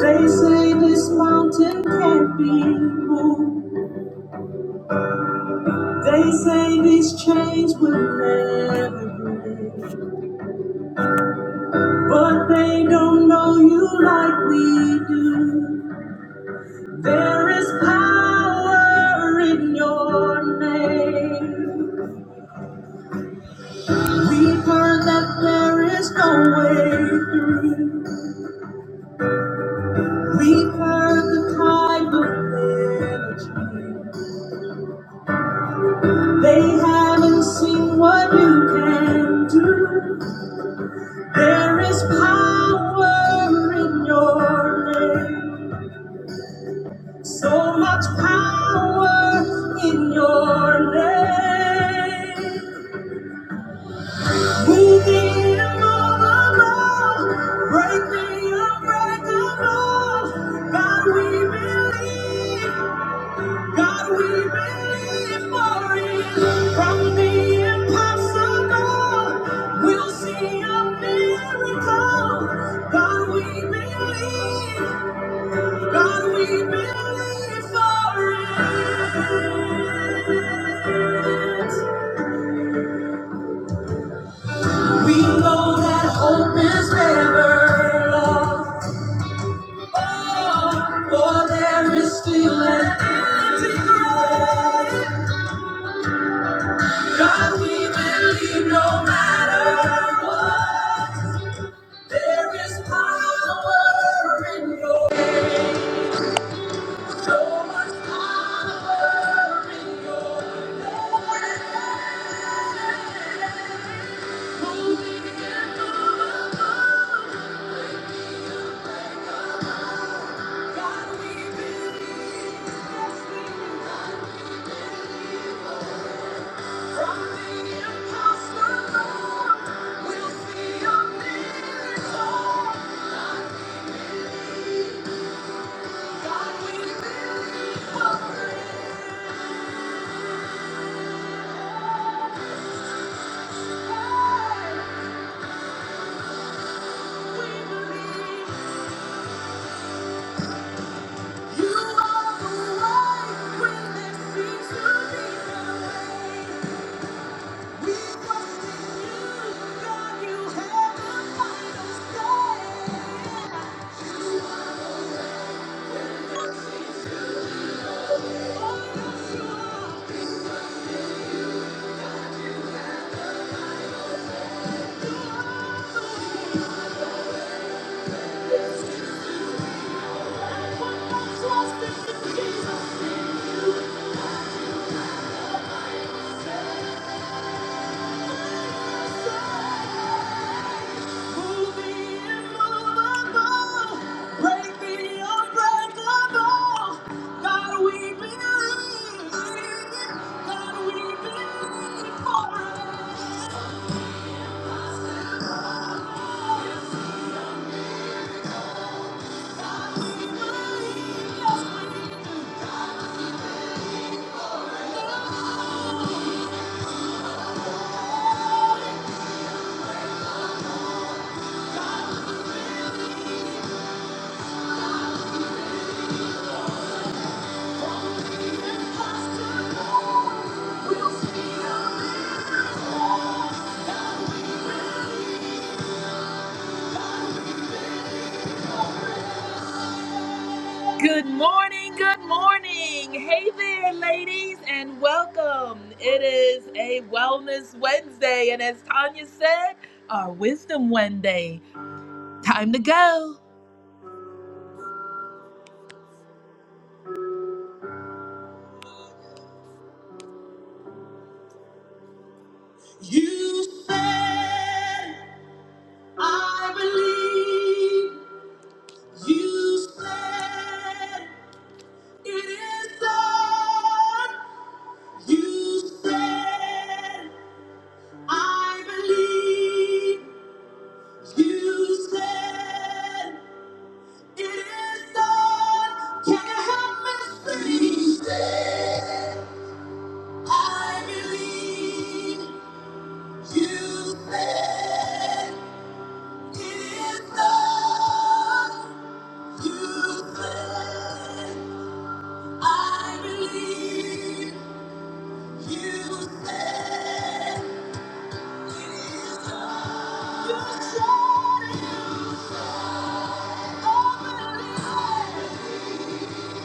They say this mountain can't be moved. They say these chains will never break. But they don't know you like we do. There is power in your name. We've heard that there is no way through. We've heard the kind of energy. They haven't seen what you can do. There is power in your name. So much power in your name. Moving immovable, breaking unbreakable. God, we believe. God, we believe for it. From the impossible, we'll see a miracle. God, we believe. God, we believe for it. We know that hope is never lost, for there is still an empty grave. God, we believe no matter what, there is power in your name. So much power in your name. You are the way. when there seems to be no way. We Thank you. next time. Good morning, good morning. Hey there, ladies, and welcome. It is a Wellness Wednesday, and as Tanya said, our Wisdom Wednesday. Time to go. You said, I believe. You said, it is done. You said, I believe. You said, It is done. Can you help me say, I believe you said it is done. You said, I believe you said it is done. You said it is done. Open your eyes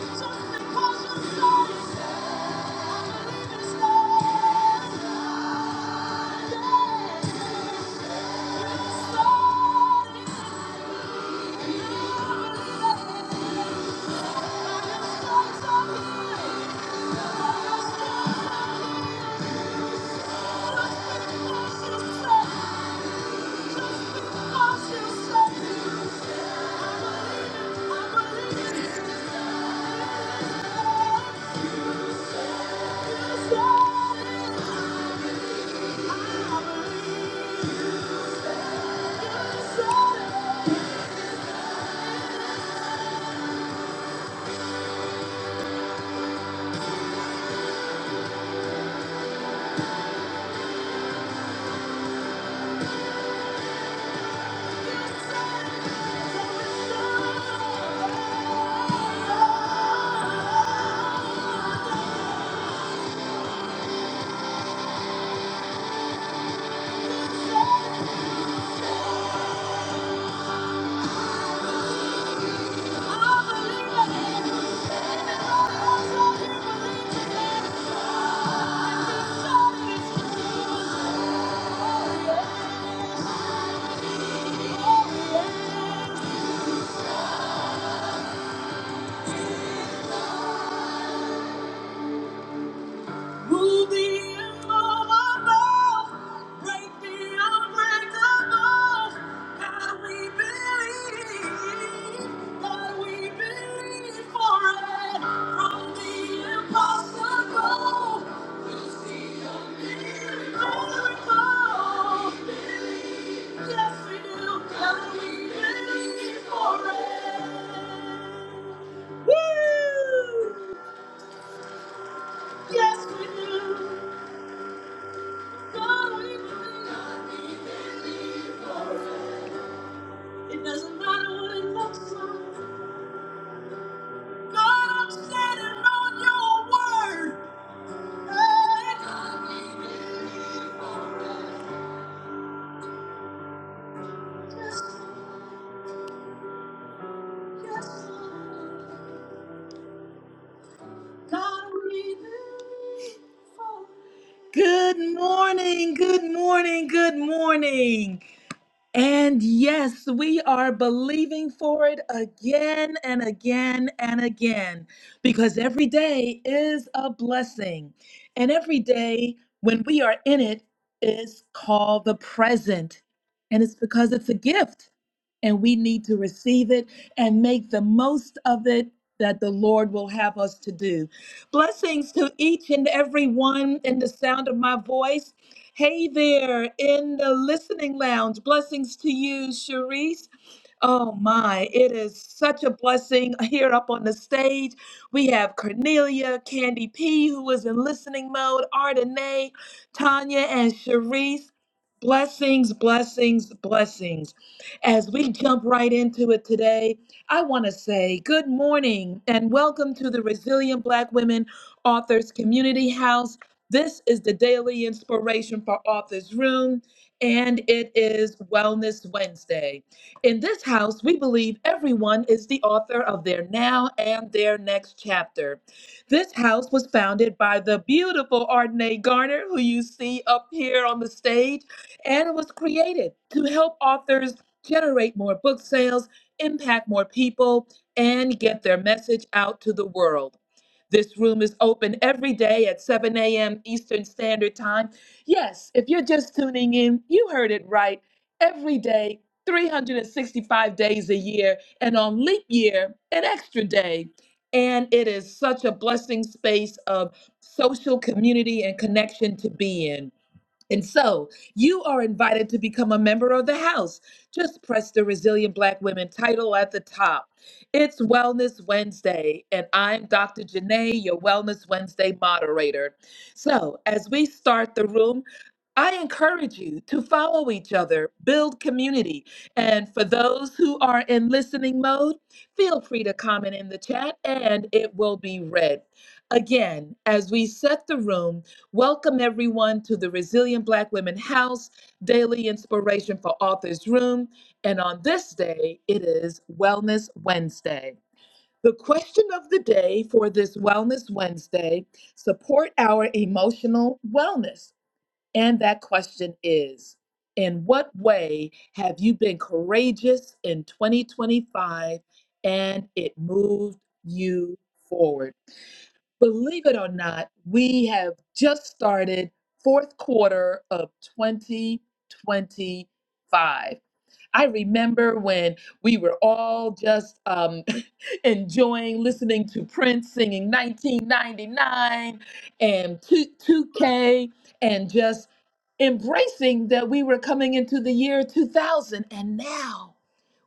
just because you said it is done. Yeah. Rule the immovable, break the unbreakable. God, we believe. God, we believe for it. From the impossible, we'll see a miracle. Yes, we do. God, we believe for it. Woo! Yes, we do. It doesn't matter what it looks like. God, I'm standing on your word. Hey, Yes, yes, God, we believe for it. Good morning, good morning, good morning. And yes, we are believing for it again and again and again because every day is a blessing. And every day when we are in it is called the present. And it's because it's a gift and we need to receive it and make the most of it that the Lord will have us to do. Blessings to each and every one in the sound of my voice. Hey there in the listening lounge. Blessings to you, Cherise. Oh my, it is such a blessing here up on the stage. We have Cornelia, Candy P, who is in listening mode, Ardenae, Tanya, and Cherise. Blessings, blessings, blessings. As we jump right into it today, I want to say good morning and welcome to the Resilient Black Women Authors Community House. This is the daily inspiration for Authors Room, and it is Wellness Wednesday. In this house, we believe everyone is the author of their now and their next chapter. This house was founded by the beautiful Ardenae Garner, who you see up here on the stage, and it was created to help authors generate more book sales, impact more people, and get their message out to the world. This room is open every day at 7 a.m. Eastern Standard Time. Yes, if you're just tuning in, you heard it right. Every day, 365 days a year, and on leap year, an extra day. And it is such a blessing space of social community and connection to be in. And so you are invited to become a member of the house. Just press the Resilient Black Women title at the top. It's Wellness Wednesday, and I'm Dr. Janae, your Wellness Wednesday moderator. So as we start the room, I encourage you to follow each other, build community. And for those who are in listening mode, feel free to comment in the chat and it will be read. Again, as we set the room, Welcome, everyone, to the Resilient Black Women House Daily Inspiration for Authors Room. And on this day, it is Wellness Wednesday. The question of the day for this Wellness Wednesday support our emotional wellness. And that question is In what way have you been courageous in 2025 and it moved you forward? Believe it or not, we have just started fourth quarter of 2025. I remember when we were all just um, enjoying listening to Prince singing 1999 and 2- 2K and just embracing that we were coming into the year 2000. And now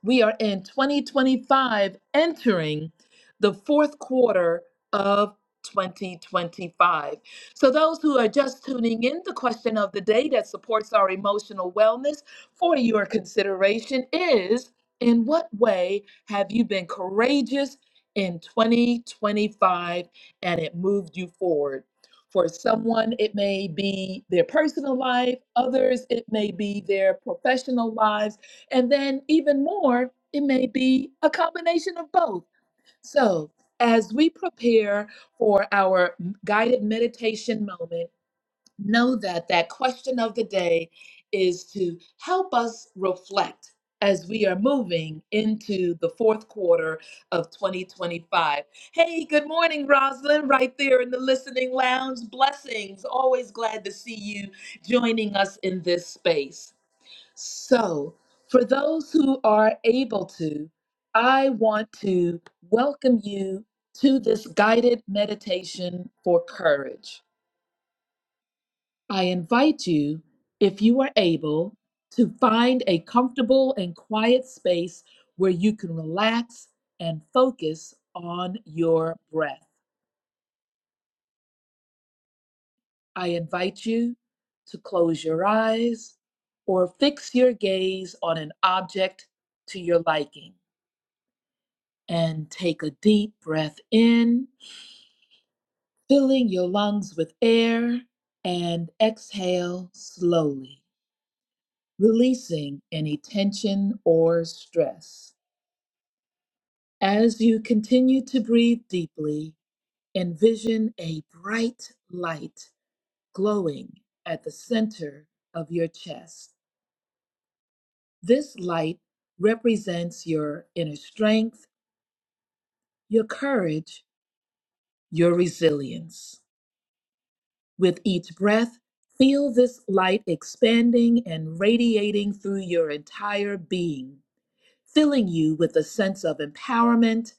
we are in 2025, entering the fourth quarter of. 2025. So, those who are just tuning in, the question of the day that supports our emotional wellness for your consideration is In what way have you been courageous in 2025 and it moved you forward? For someone, it may be their personal life, others, it may be their professional lives, and then even more, it may be a combination of both. So, as we prepare for our guided meditation moment, know that that question of the day is to help us reflect as we are moving into the fourth quarter of 2025. Hey, good morning, Rosalind, right there in the listening lounge. Blessings. Always glad to see you joining us in this space. So, for those who are able to, I want to welcome you to this guided meditation for courage. I invite you, if you are able, to find a comfortable and quiet space where you can relax and focus on your breath. I invite you to close your eyes or fix your gaze on an object to your liking. and take a deep breath in, filling your lungs with air, and exhale slowly, releasing any tension or stress. As you continue to breathe deeply, envision a bright light glowing at the center of your chest. This light represents your inner strength, your courage, your resilience. With each breath, feel this light expanding and radiating through your entire being, filling you with a sense of empowerment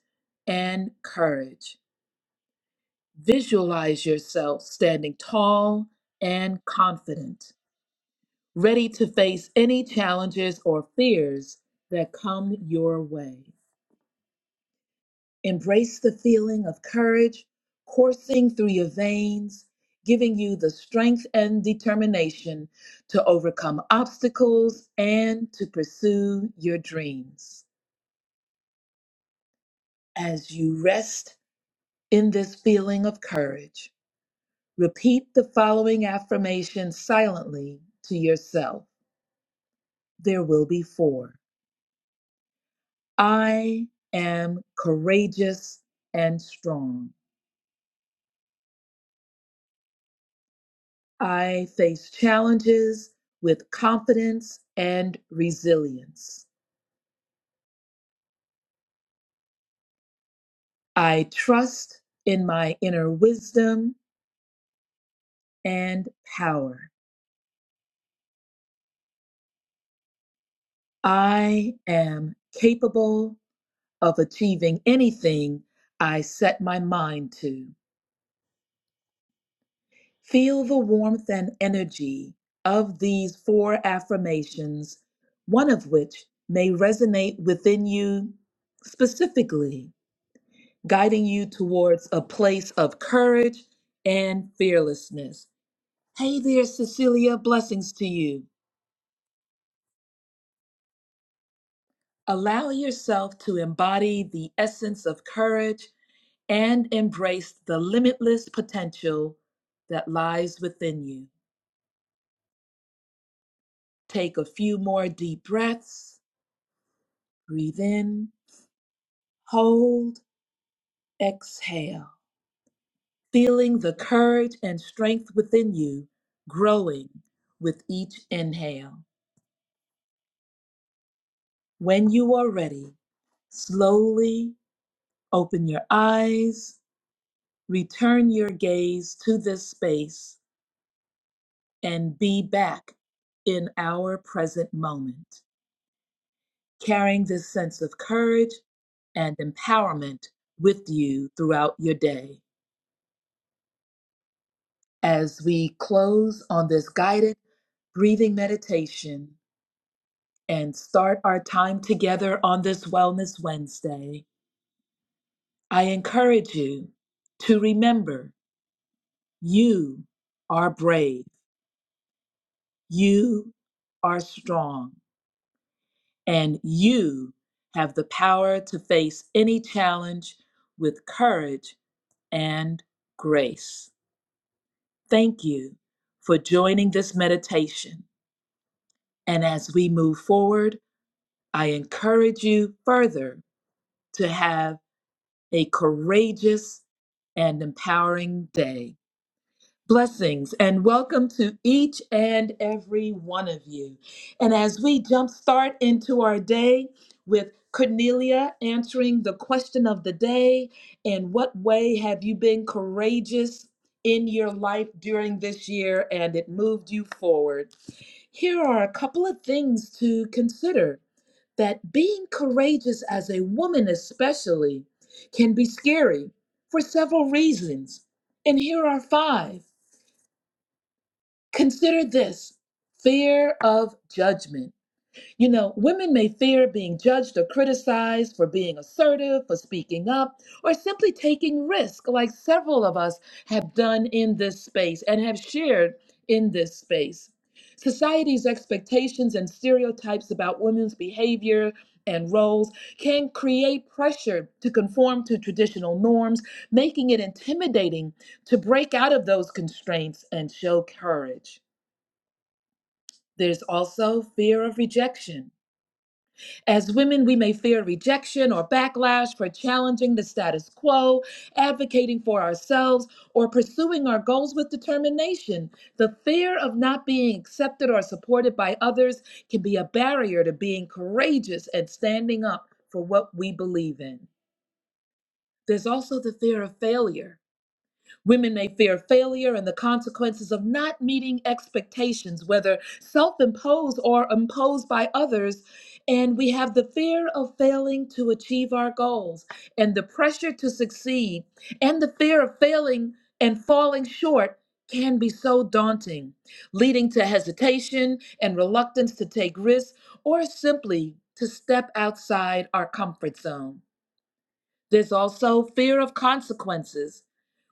and courage. Visualize yourself standing tall and confident, ready to face any challenges or fears that come your way. Embrace the feeling of courage coursing through your veins, giving you the strength and determination to overcome obstacles and to pursue your dreams. As you rest in this feeling of courage, repeat the following affirmation silently to yourself. There will be four. I am courageous and strong. I face challenges with confidence and resilience. I trust in my inner wisdom and power. I am capable of achieving anything I set my mind to. Feel the warmth and energy of these four affirmations, one of which may resonate within you specifically guiding you towards a place of courage and fearlessness. Hey there, Cecilia, blessings to you. Allow yourself to embody the essence of courage and embrace the limitless potential that lies within you. Take a few more deep breaths, breathe in, hold, exhale, feeling the courage and strength within you growing with each inhale. When you are ready, Slowly open your eyes, return your gaze to this space, and be back in our present moment, carrying this sense of courage and empowerment with you throughout your day. As we close on this guided breathing meditation and start our time together on this Wellness Wednesday, I encourage you to remember you are brave. You are strong and you have the power to face any challenge with courage and grace. Thank you for joining this meditation. And as we move forward, I encourage you further to have a courageous and empowering day. Blessings and welcome to each and every one of you. And as we jumpstart into our day with Cornelia answering the question of the day in what way have you been courageous in your life during this year and it moved you forward? Here are a couple of things to consider that being courageous as a woman, especially, can be scary for several reasons. And here are five. Consider this fear of judgment. You know, women may fear being judged or criticized for being assertive, for speaking up, or simply taking risk, like several of us have done in this space and have shared in this space. Society's expectations and stereotypes about women's behavior and roles can create pressure to conform to traditional norms, making it intimidating to break out of those constraints and show courage. There's also fear of rejection. As women, we may fear rejection or backlash for challenging the status quo, advocating for ourselves, or pursuing our goals with determination. The fear of not being accepted or supported by others can be a barrier to being courageous and standing up for what we believe in. There's also the fear of failure. Women may fear failure and the consequences of not meeting expectations, whether self imposed or imposed by others. And we have the fear of failing to achieve our goals and the pressure to succeed and the fear of failing and falling short can be so daunting, leading to hesitation and reluctance to take risks or simply to step outside our comfort zone. There's also fear of consequences.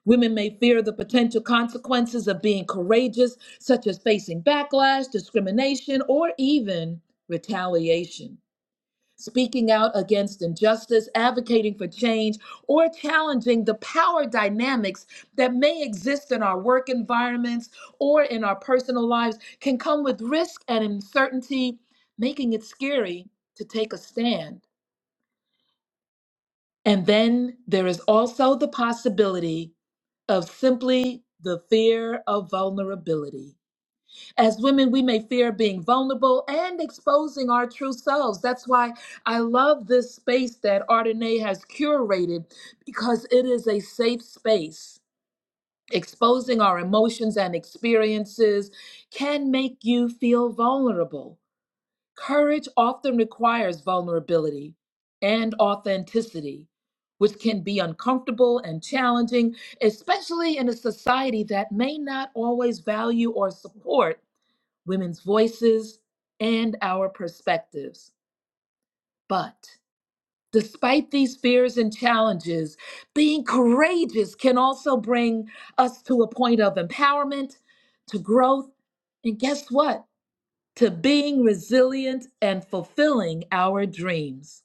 Women may fear the potential consequences of being courageous, such as facing backlash, discrimination, or even retaliation. Speaking out against injustice, advocating for change, or challenging the power dynamics that may exist in our work environments or in our personal lives can come with risk and uncertainty, making it scary to take a stand. And then there is also the possibility of simply the fear of vulnerability. As women, we may fear being vulnerable and exposing our true selves. That's why I love this space that Ardenae has curated because it is a safe space. Exposing our emotions and experiences can make you feel vulnerable. Courage often requires vulnerability and authenticity, which can be uncomfortable and challenging, especially in a society that may not always value or support women's voices and our perspectives. But despite these fears and challenges, being courageous can also bring us to a point of empowerment, to growth, and guess what? to being resilient and fulfilling our dreams.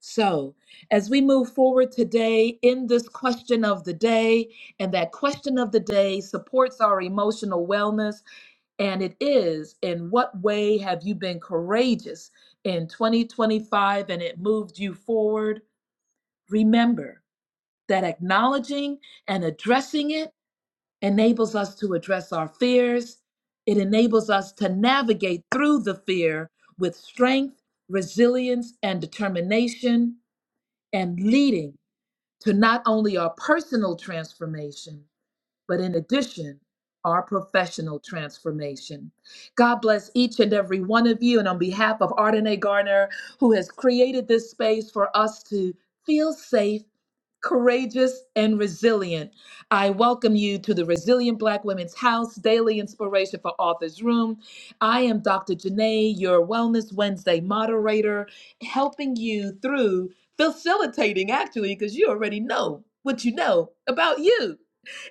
So, as we move forward today in this question of the day, and that question of the day supports our emotional wellness, and it is in what way have you been courageous in 2025 and it moved you forward? Remember that acknowledging and addressing it enables us to address our fears. It enables us to navigate through the fear with strength, resilience, and determination, and leading to not only our personal transformation, but in addition, our professional transformation. God bless each and every one of you. And on behalf of Ardenae Garner, who has created this space for us to feel safe courageous, and resilient. I welcome you to the Resilient Black Women's House Daily Inspiration for Authors Room. I am Dr. Janae, your Wellness Wednesday moderator, helping you through facilitating, actually, because you already know what you know about you.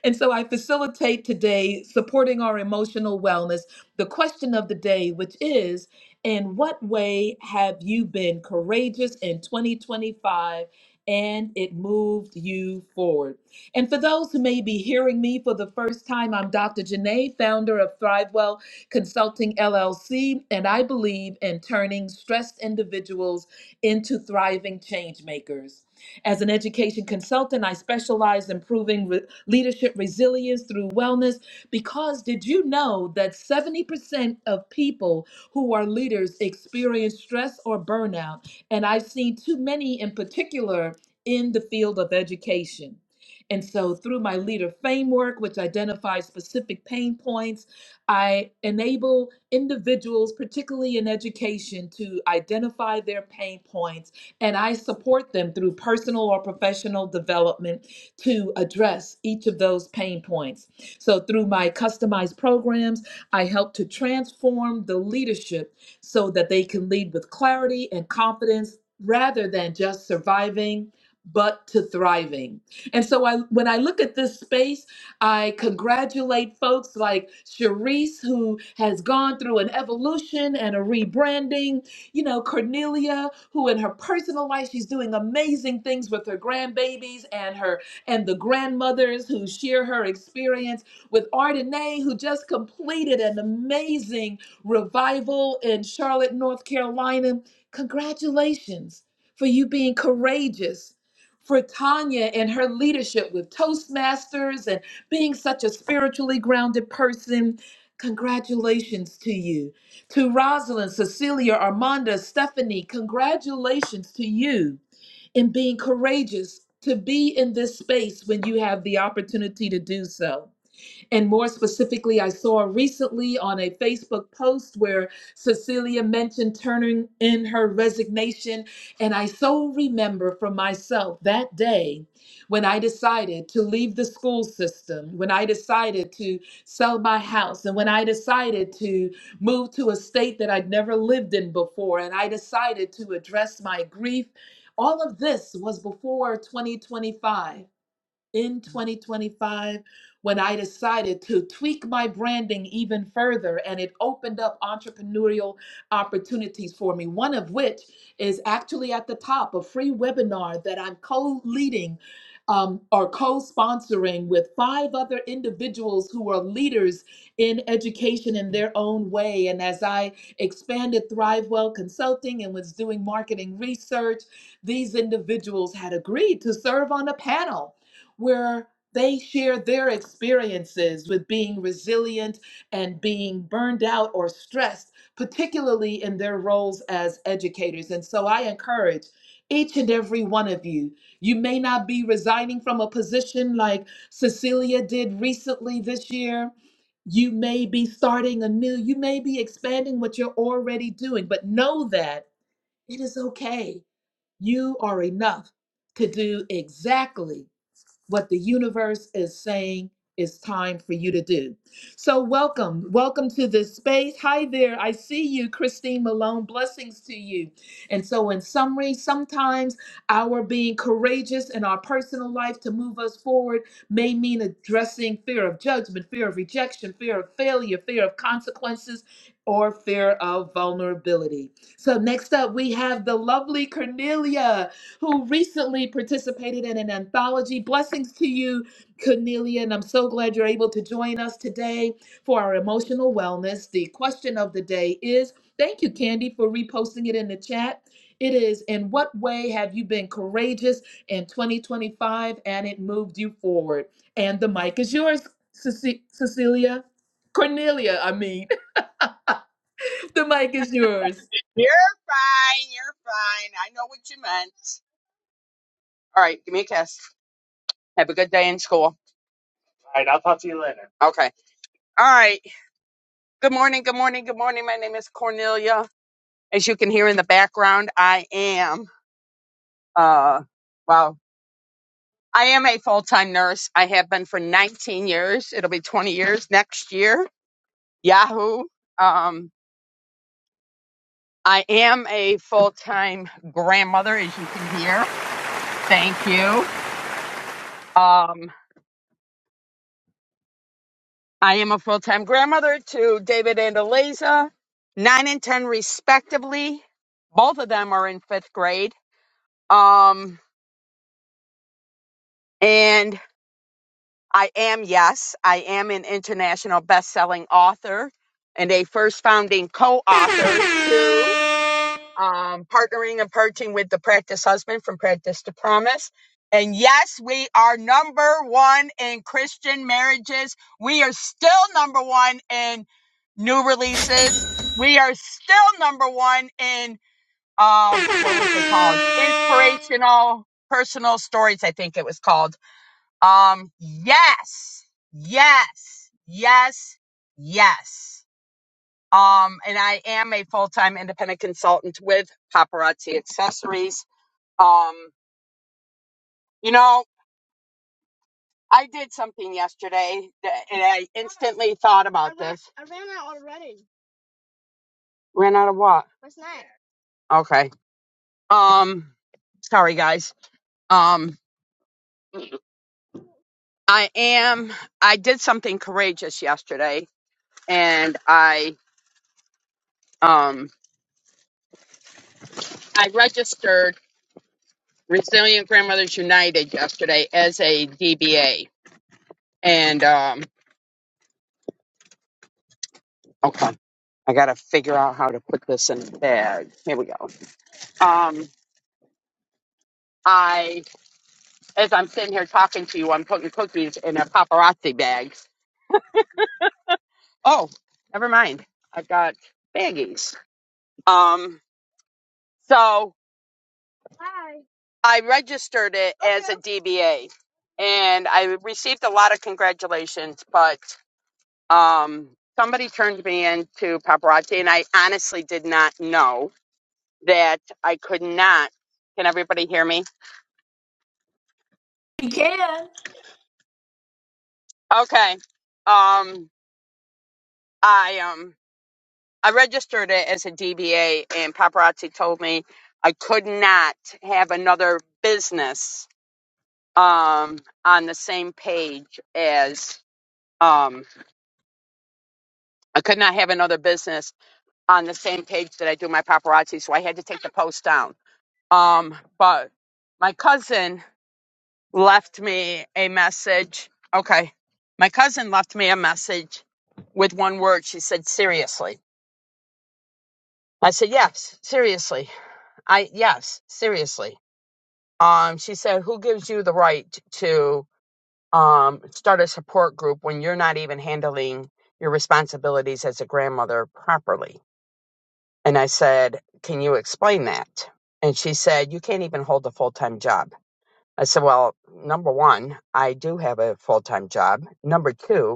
And so I facilitate today supporting our emotional wellness, the question of the day, which is in what way have you been courageous in 2025? and it moved you forward. And for those who may be hearing me for the first time, I'm Dr. Janae, founder of Thrivewell Consulting LLC, and I believe in turning stressed individuals into thriving change makers. As an education consultant, I specialize in improving re- leadership resilience through wellness because did you know that 70% of people who are leaders experience stress or burnout? And I've seen too many in particular in the field of education. And so, through my leader framework, which identifies specific pain points, I enable individuals, particularly in education, to identify their pain points and I support them through personal or professional development to address each of those pain points. So, through my customized programs, I help to transform the leadership so that they can lead with clarity and confidence rather than just surviving but to thriving. And so I when I look at this space, I congratulate folks like Cherise, who has gone through an evolution and a rebranding, you know, Cornelia, who in her personal life, she's doing amazing things with her grandbabies and her and the grandmothers who share her experience with Ardenae, who just completed an amazing revival in Charlotte, North Carolina. Congratulations for you being courageous for Tanya and her leadership with Toastmasters and being such a spiritually grounded person. Congratulations to you. To Rosalind, Cecilia, Armanda, Stephanie, congratulations to you in being courageous to be in this space when you have the opportunity to do so. And more specifically, I saw recently on a Facebook post where Cecilia mentioned turning in her resignation. And I so remember for myself that day when I decided to leave the school system, when I decided to sell my house, and when I decided to move to a state that I'd never lived in before, and I decided to address my grief. All of this was before 2025 in 2025 when I decided to tweak my branding even further and it opened up entrepreneurial opportunities for me. One of which is actually at the top a free webinar that I'm co leading um, or co sponsoring with five other individuals who are leaders in education in their own way. And as I expanded ThriveWell Consulting and was doing marketing research, these individuals had agreed to serve on a panel where they share their experiences with being resilient and being burned out or stressed, particularly in their roles as educators. And so I encourage each and every one of you. You may not be resigning from a position like Cecilia did recently this year. You may be starting anew. You may be expanding what you're already doing, but know that it is okay. You are enough to do exactly what the universe is saying is time for you to do. So, welcome, welcome to this space. Hi there, I see you, Christine Malone. Blessings to you. And so, in summary, sometimes our being courageous in our personal life to move us forward may mean addressing fear of judgment, fear of rejection, fear of failure, fear of consequences, or fear of vulnerability. So, next up, we have the lovely Cornelia who recently participated in an anthology. Blessings to you, Cornelia, and I'm so glad you're able to join us today for our emotional wellness. The question of the day is thank you, Candy, for reposting it in the chat. It is in what way have you been courageous in 2025 and it moved you forward? And the mic is yours, Cece- Cecilia. Cornelia, I mean, the mic is yours. You're fine. You're fine. I know what you meant. All right. Give me a kiss. Have a good day in school. All right. I'll talk to you later. Okay. All right. Good morning. Good morning. Good morning. My name is Cornelia. As you can hear in the background, I am, uh, wow. I am a full time nurse. I have been for 19 years. It'll be 20 years next year. Yahoo. Um, I am a full time grandmother, as you can hear. Thank you. Um, I am a full time grandmother to David and Eliza, nine and 10 respectively. Both of them are in fifth grade. Um, and I am, yes, I am an international best selling author and a first founding co author too. um, partnering and purging with the practice husband from practice to promise. And yes, we are number one in Christian marriages. We are still number one in new releases. We are still number one in, uh, what was it called? Inspirational personal stories, I think it was called. Um, yes, yes, yes, yes. Um, and I am a full time independent consultant with Paparazzi Accessories. Um, you know, I did something yesterday that, and I instantly thought about this. I Ran out already. Ran out of what? Okay. Um, sorry guys. Um, I am, I did something courageous yesterday and I, um, I registered Resilient Grandmothers United yesterday as a DBA. And, um, okay. I gotta figure out how to put this in a bag. Here we go. Um, I, as I'm sitting here talking to you, I'm putting cookies in a paparazzi bag. Oh, never mind. I've got baggies. Um, so I registered it as a DBA, and I received a lot of congratulations. But um, somebody turned me into paparazzi, and I honestly did not know that I could not. Can everybody hear me? We can. Okay. Um, I um I registered it as a DBA, and paparazzi told me I could not have another business um on the same page as um I could not have another business on the same page that I do my paparazzi, so I had to take the post down. Um, but my cousin left me a message. Okay, my cousin left me a message with one word. She said, "Seriously." I said, "Yes, seriously." I yes, seriously. Um, she said, "Who gives you the right to um start a support group when you're not even handling your responsibilities as a grandmother properly?" And I said, "Can you explain that?" And she said, "You can't even hold a full-time job." I said, "Well, number one, I do have a full-time job. Number two,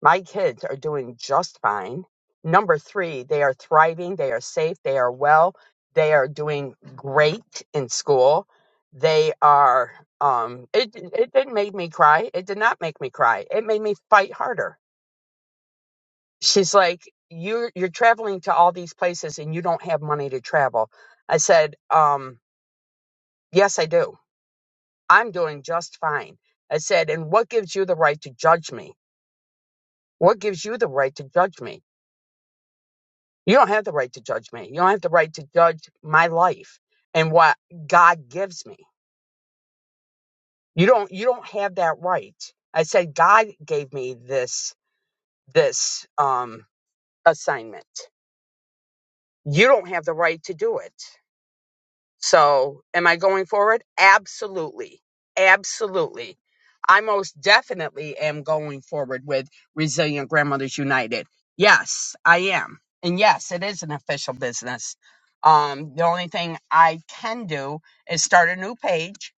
my kids are doing just fine. Number three, they are thriving. They are safe. They are well. They are doing great in school. They are, um, it, it didn't make me cry. It did not make me cry. It made me fight harder. She's like, you're, you're traveling to all these places and you don't have money to travel. I said, um, yes, I do. I'm doing just fine. I said, and what gives you the right to judge me? What gives you the right to judge me? You don't have the right to judge me. You don't have the right to judge my life and what God gives me. You don't you don't have that right. I said God gave me this this um assignment. You don't have the right to do it. So, am I going forward? Absolutely. Absolutely. I most definitely am going forward with Resilient Grandmothers United. Yes, I am. And yes, it is an official business. Um, the only thing I can do is start a new page.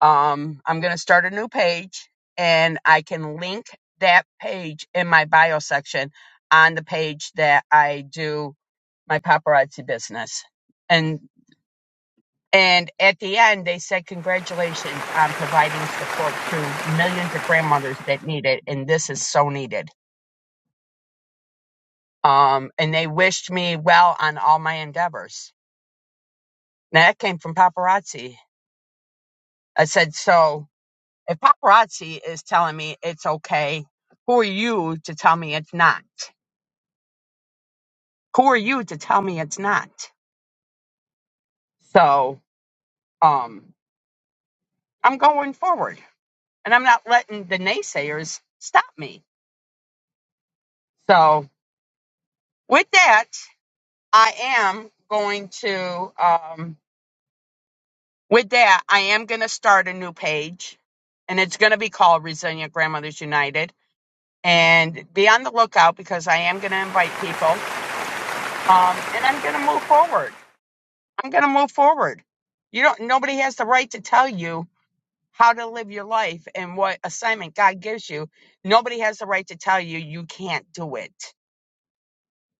Um, I'm going to start a new page and I can link that page in my bio section on the page that I do my paparazzi business. and. And at the end, they said, Congratulations on providing support to millions of grandmothers that need it. And this is so needed. Um, and they wished me well on all my endeavors. Now, that came from paparazzi. I said, So if paparazzi is telling me it's okay, who are you to tell me it's not? Who are you to tell me it's not? So um, I'm going forward and I'm not letting the naysayers stop me. So with that, I am going to, um, with that, I am going to start a new page and it's going to be called Resilient Grandmothers United. And be on the lookout because I am going to invite people. Um, and I'm going to move forward. I'm going to move forward. You don't, nobody has the right to tell you how to live your life and what assignment God gives you. Nobody has the right to tell you you can't do it.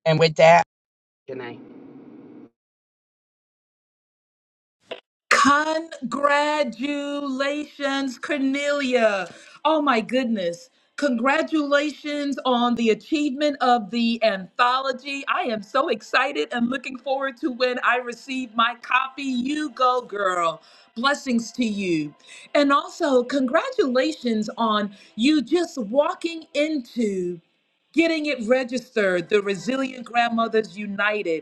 And with that, Good night. Congratulations, Cornelia. Oh my goodness. Congratulations on the achievement of the anthology. I am so excited and looking forward to when I receive my copy. You go, girl. Blessings to you. And also, congratulations on you just walking into getting it registered, the Resilient Grandmothers United.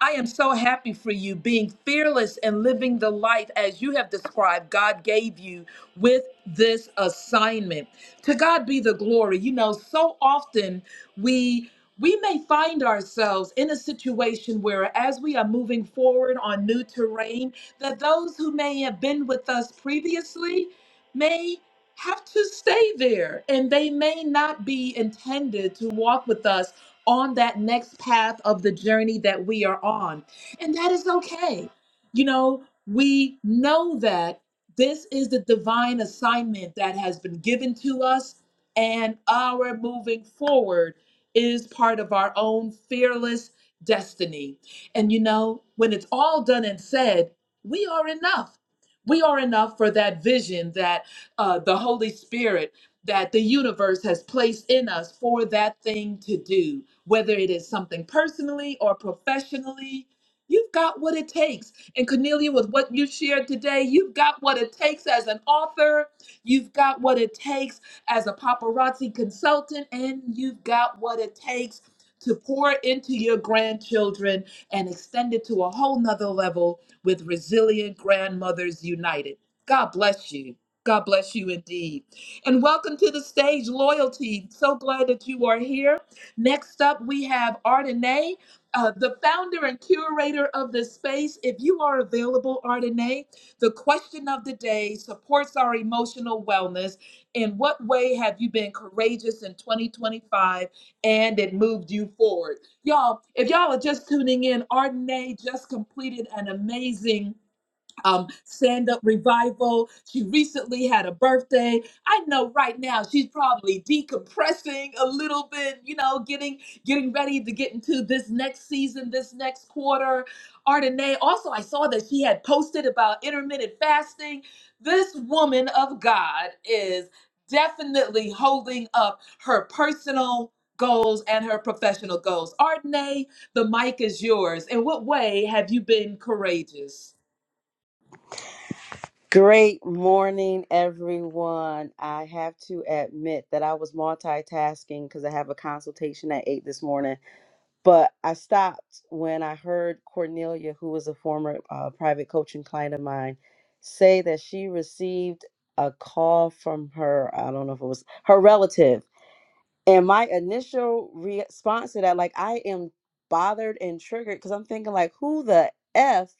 I am so happy for you being fearless and living the life as you have described God gave you with this assignment. To God be the glory. You know, so often we we may find ourselves in a situation where as we are moving forward on new terrain that those who may have been with us previously may have to stay there and they may not be intended to walk with us on that next path of the journey that we are on. And that is okay. You know, we know that this is the divine assignment that has been given to us, and our moving forward is part of our own fearless destiny. And you know, when it's all done and said, we are enough. We are enough for that vision that uh, the Holy Spirit that the universe has placed in us for that thing to do, whether it is something personally or professionally. You've got what it takes. And Cornelia, with what you shared today, you've got what it takes as an author, you've got what it takes as a paparazzi consultant, and you've got what it takes to pour into your grandchildren and extend it to a whole nother level with Resilient Grandmothers United. God bless you. God bless you indeed. And welcome to the stage, Loyalty. So glad that you are here. Next up, we have Ardenae, uh, the founder and curator of this space. If you are available, Ardenae, the question of the day supports our emotional wellness. In what way have you been courageous in 2025 and it moved you forward? Y'all, if y'all are just tuning in, Ardenae just completed an amazing um, stand up revival. She recently had a birthday. I know right now she's probably decompressing a little bit, you know, getting getting ready to get into this next season, this next quarter. Ardenae, also I saw that she had posted about intermittent fasting. This woman of God is definitely holding up her personal goals and her professional goals. Ardenae, the mic is yours. In what way have you been courageous? Great morning, everyone. I have to admit that I was multitasking because I have a consultation at 8 this morning, but I stopped when I heard Cornelia, who was a former uh, private coaching client of mine, say that she received a call from her, I don't know if it was her relative. And my initial response to that, like, I am bothered and triggered because I'm thinking, like, who the F?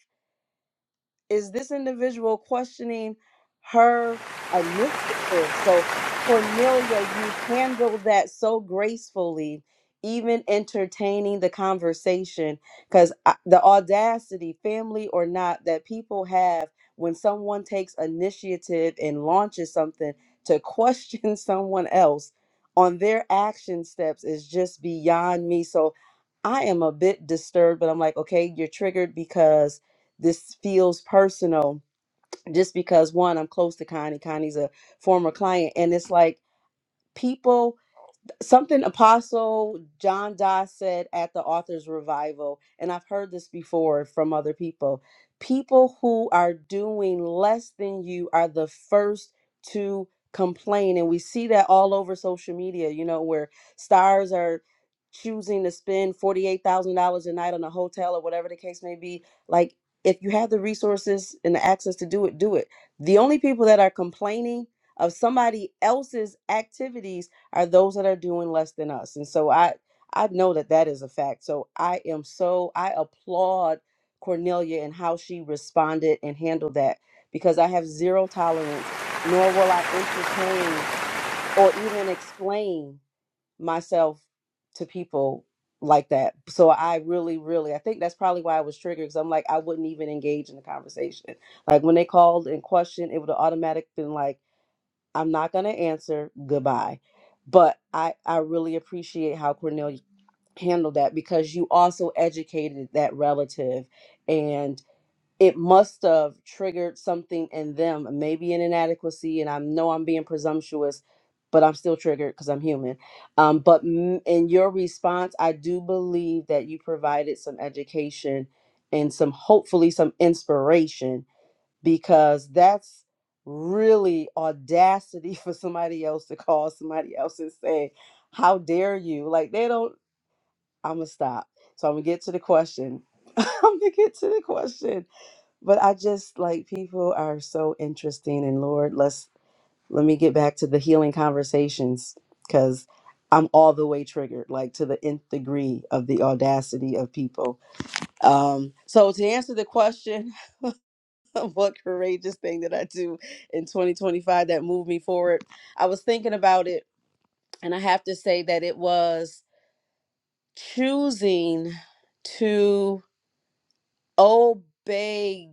is this individual questioning her initiative. So, Cornelia, you handled that so gracefully, even entertaining the conversation, because the audacity, family or not, that people have when someone takes initiative and launches something to question someone else on their action steps is just beyond me. So, I am a bit disturbed, but I'm like, okay, you're triggered because this feels personal just because one, I'm close to Connie. Connie's a former client. And it's like people something apostle john doss said at the authors revival and i've heard this before from other people people who are doing less than you are the first to complain and we see that all over social media you know where stars are choosing to spend $48000 a night on a hotel or whatever the case may be like if you have the resources and the access to do it do it the only people that are complaining of somebody else's activities are those that are doing less than us. And so I I know that that is a fact. So I am so I applaud Cornelia and how she responded and handled that because I have zero tolerance nor will I entertain or even explain myself to people like that. So I really really I think that's probably why I was triggered cuz I'm like I wouldn't even engage in the conversation. Like when they called and questioned, it would have automatic been like I'm not going to answer. Goodbye. But I, I really appreciate how Cornelia handled that because you also educated that relative and it must have triggered something in them, maybe an inadequacy. And I know I'm being presumptuous, but I'm still triggered because I'm human. Um, but m- in your response, I do believe that you provided some education and some, hopefully, some inspiration because that's really audacity for somebody else to call somebody else and say, How dare you? Like, they don't. I'm going to stop. So I'm going to get to the question. I'm going to get to the question. But I just like people are so interesting. And Lord, let's let me get back to the healing conversations because I'm all the way triggered, like to the nth degree of the audacity of people. Um, so to answer the question, what courageous thing did I do in 2025 that moved me forward? I was thinking about it, and I have to say that it was choosing to obey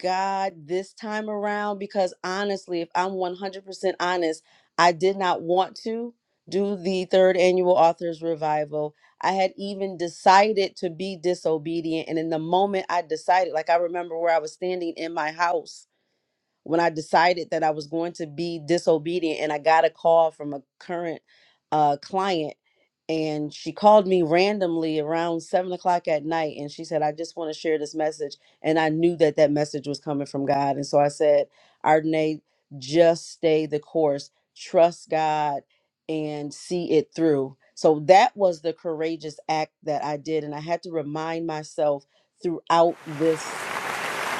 God this time around because honestly, if I'm 100% honest, I did not want to do the third annual authors revival. I had even decided to be disobedient. And in the moment I decided, like I remember where I was standing in my house when I decided that I was going to be disobedient and I got a call from a current uh, client and she called me randomly around seven o'clock at night and she said i just want to share this message and i knew that that message was coming from god and so i said ardenay just stay the course trust god and see it through so that was the courageous act that i did and i had to remind myself throughout this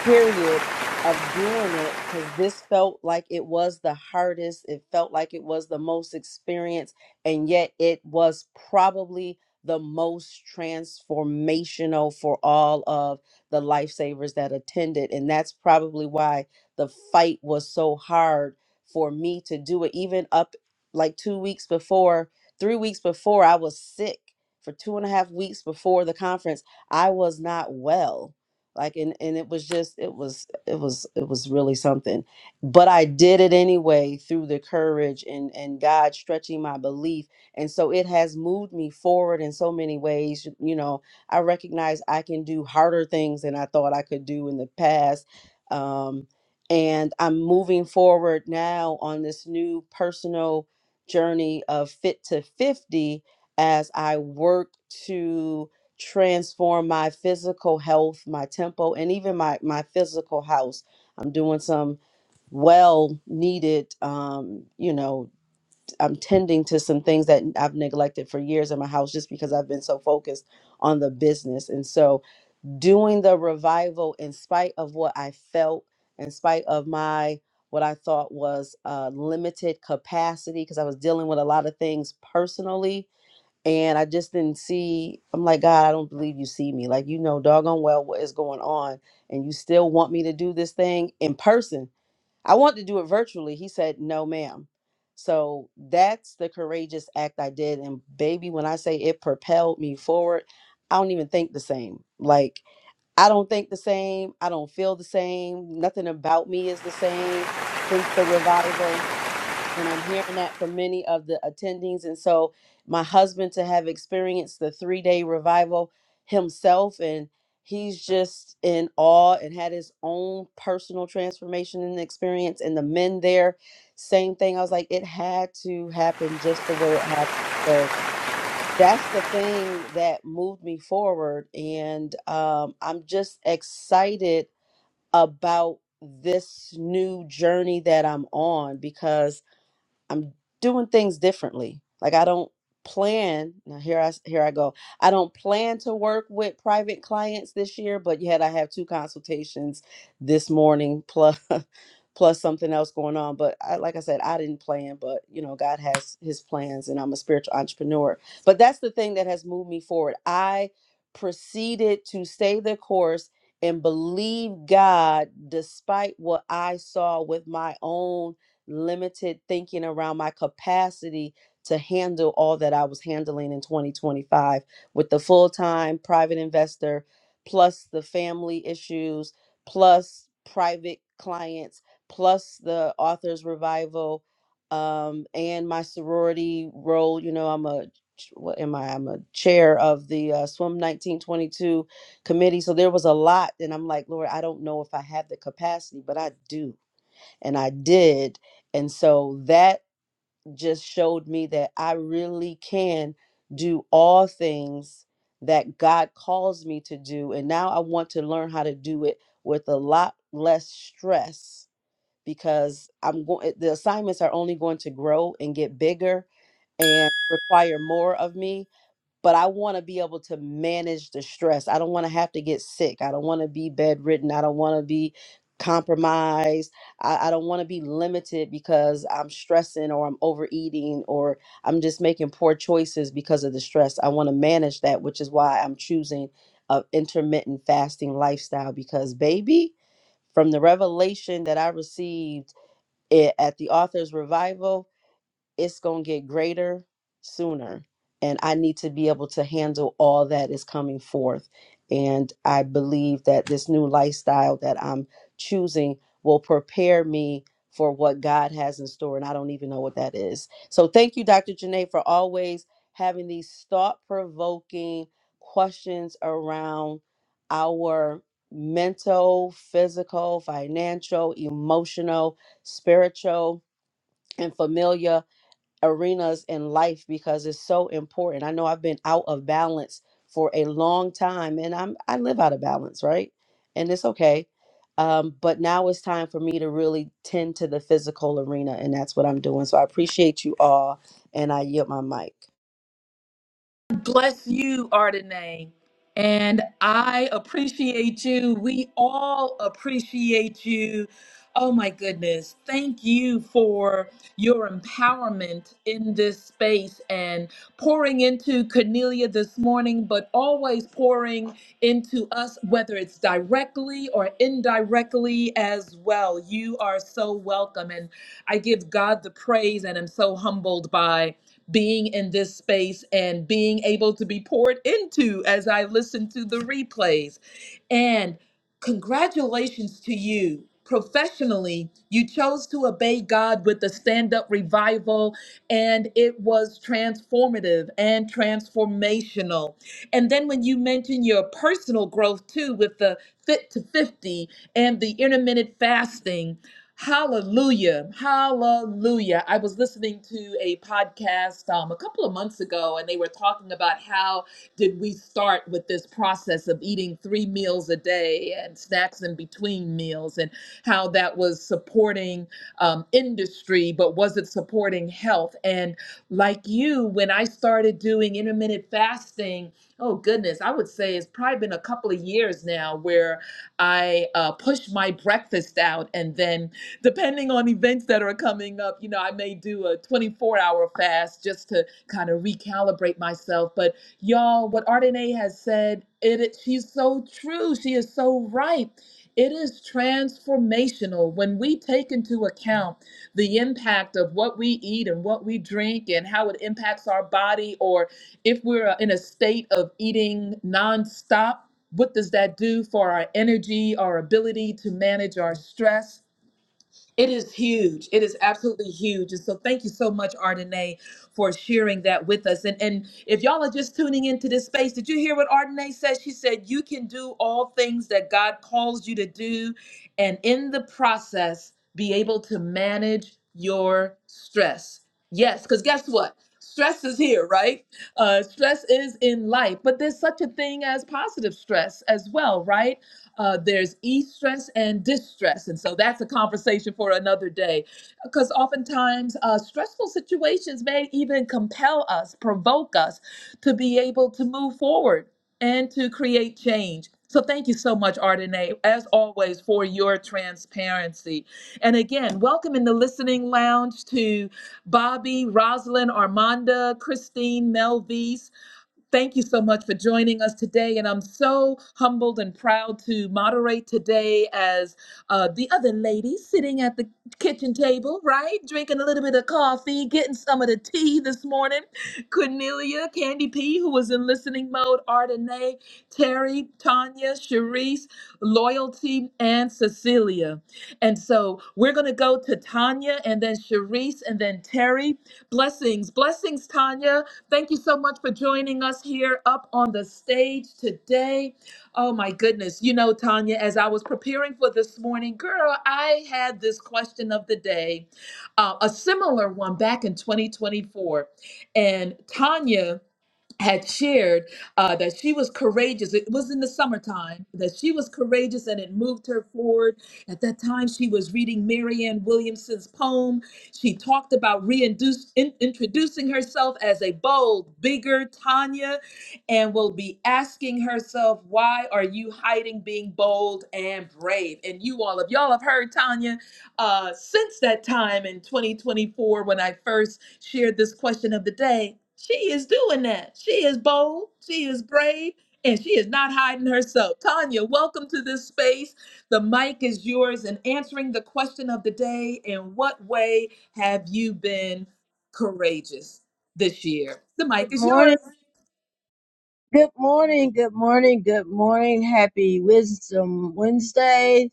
period of doing it because this felt like it was the hardest. It felt like it was the most experience, and yet it was probably the most transformational for all of the lifesavers that attended. And that's probably why the fight was so hard for me to do it. Even up like two weeks before, three weeks before, I was sick. For two and a half weeks before the conference, I was not well like and and it was just it was it was it was really something but i did it anyway through the courage and and god stretching my belief and so it has moved me forward in so many ways you know i recognize i can do harder things than i thought i could do in the past um and i'm moving forward now on this new personal journey of fit to 50 as i work to transform my physical health, my tempo, and even my my physical house. I'm doing some well needed um you know i'm tending to some things that i've neglected for years in my house just because i've been so focused on the business and so doing the revival in spite of what i felt in spite of my what i thought was uh limited capacity because i was dealing with a lot of things personally and I just didn't see, I'm like, God, I don't believe you see me. Like, you know, doggone well what is going on. And you still want me to do this thing in person. I want to do it virtually. He said, no, ma'am. So that's the courageous act I did. And baby, when I say it propelled me forward, I don't even think the same. Like, I don't think the same. I don't feel the same. Nothing about me is the same since the revival and I'm hearing that from many of the attendings. And so, my husband to have experienced the three day revival himself, and he's just in awe and had his own personal transformation and experience. And the men there, same thing. I was like, it had to happen just the way it happened. So, that's the thing that moved me forward. And um, I'm just excited about this new journey that I'm on because I'm doing things differently. Like I don't plan. Now here I here I go. I don't plan to work with private clients this year, but yet I have two consultations this morning plus plus something else going on. But I, like I said, I didn't plan, but you know God has His plans, and I'm a spiritual entrepreneur. But that's the thing that has moved me forward. I proceeded to stay the course and believe God despite what I saw with my own limited thinking around my capacity to handle all that I was handling in 2025 with the full time private investor, plus the family issues, plus private clients, plus the author's revival, um, and my sorority role. You know, I'm a ch- what am I? I'm a chair of the uh, Swim 1922 committee. So there was a lot, and I'm like, Lord, I don't know if I have the capacity, but I do and I did. And so that just showed me that I really can do all things that God calls me to do. And now I want to learn how to do it with a lot less stress because I'm going the assignments are only going to grow and get bigger and require more of me but I want to be able to manage the stress. I don't want to have to get sick. I don't want to be bedridden. I don't want to be compromised. I, I don't want to be limited because I'm stressing or I'm overeating or I'm just making poor choices because of the stress. I want to manage that, which is why I'm choosing a intermittent fasting lifestyle because baby, from the revelation that I received i- at the author's revival, it's going to get greater sooner. And I need to be able to handle all that is coming forth. And I believe that this new lifestyle that I'm choosing will prepare me for what God has in store. And I don't even know what that is. So thank you, Dr. Janae, for always having these thought provoking questions around our mental, physical, financial, emotional, spiritual, and familial arenas in life because it's so important. I know I've been out of balance for a long time and I'm I live out of balance, right? And it's okay. Um, but now it's time for me to really tend to the physical arena and that's what I'm doing. So I appreciate you all and I yield my mic. bless you, Ardenae, And I appreciate you. We all appreciate you. Oh my goodness. Thank you for your empowerment in this space and pouring into Cornelia this morning, but always pouring into us, whether it's directly or indirectly as well. You are so welcome. And I give God the praise and am so humbled by being in this space and being able to be poured into as I listen to the replays. And congratulations to you. Professionally, you chose to obey God with the stand up revival, and it was transformative and transformational. And then when you mention your personal growth too, with the fit to 50 and the intermittent fasting, Hallelujah. Hallelujah. I was listening to a podcast um, a couple of months ago, and they were talking about how did we start with this process of eating three meals a day and snacks in between meals, and how that was supporting um, industry, but was it supporting health? And like you, when I started doing intermittent fasting, oh goodness, I would say it's probably been a couple of years now where I uh, pushed my breakfast out and then depending on events that are coming up, you know, I may do a 24 hour fast just to kind of recalibrate myself. But y'all, what Ardenae has said, it, it she's so true. She is so right. It is transformational when we take into account the impact of what we eat and what we drink and how it impacts our body, or if we're uh, in a state of eating nonstop. What does that do for our energy, our ability to manage our stress? It is huge. It is absolutely huge. And so thank you so much, Ardenae, for sharing that with us. And and if y'all are just tuning into this space, did you hear what Ardenae said? She said, You can do all things that God calls you to do, and in the process, be able to manage your stress. Yes, because guess what? Stress is here, right? Uh, stress is in life, but there's such a thing as positive stress as well, right? Uh, there's e-stress and distress, and so that's a conversation for another day. Because oftentimes uh, stressful situations may even compel us, provoke us to be able to move forward and to create change. So thank you so much, Ardenae, as always, for your transparency. And again, welcome in the listening lounge to Bobby, Rosalind, Armanda, Christine, Melvise. Thank you so much for joining us today. And I'm so humbled and proud to moderate today as uh, the other lady sitting at the kitchen table, right? Drinking a little bit of coffee, getting some of the tea this morning. Cornelia, Candy P, who was in listening mode, Ardenae, Terry, Tanya, Sharice, Loyalty, and Cecilia. And so we're going to go to Tanya and then Sharice, and then Terry. Blessings, blessings, Tanya. Thank you so much for joining us here up on the stage today. Oh my goodness. You know, Tanya, as I was preparing for this morning, girl, I had this question of the day, uh, a similar one back in 2024. And Tanya, had shared uh, that she was courageous. It was in the summertime that she was courageous and it moved her forward. At that time, she was reading Marianne Williamson's poem. She talked about reintroduce- in- introducing herself as a bold, bigger Tanya and will be asking herself, Why are you hiding being bold and brave? And you all, if y'all have heard Tanya uh, since that time in 2024 when I first shared this question of the day, she is doing that. She is bold, she is brave, and she is not hiding herself. Tanya, welcome to this space. The mic is yours and answering the question of the day in what way have you been courageous this year? The mic Good is morning. yours. Good morning. Good morning. Good morning. Happy Wisdom Wednesday.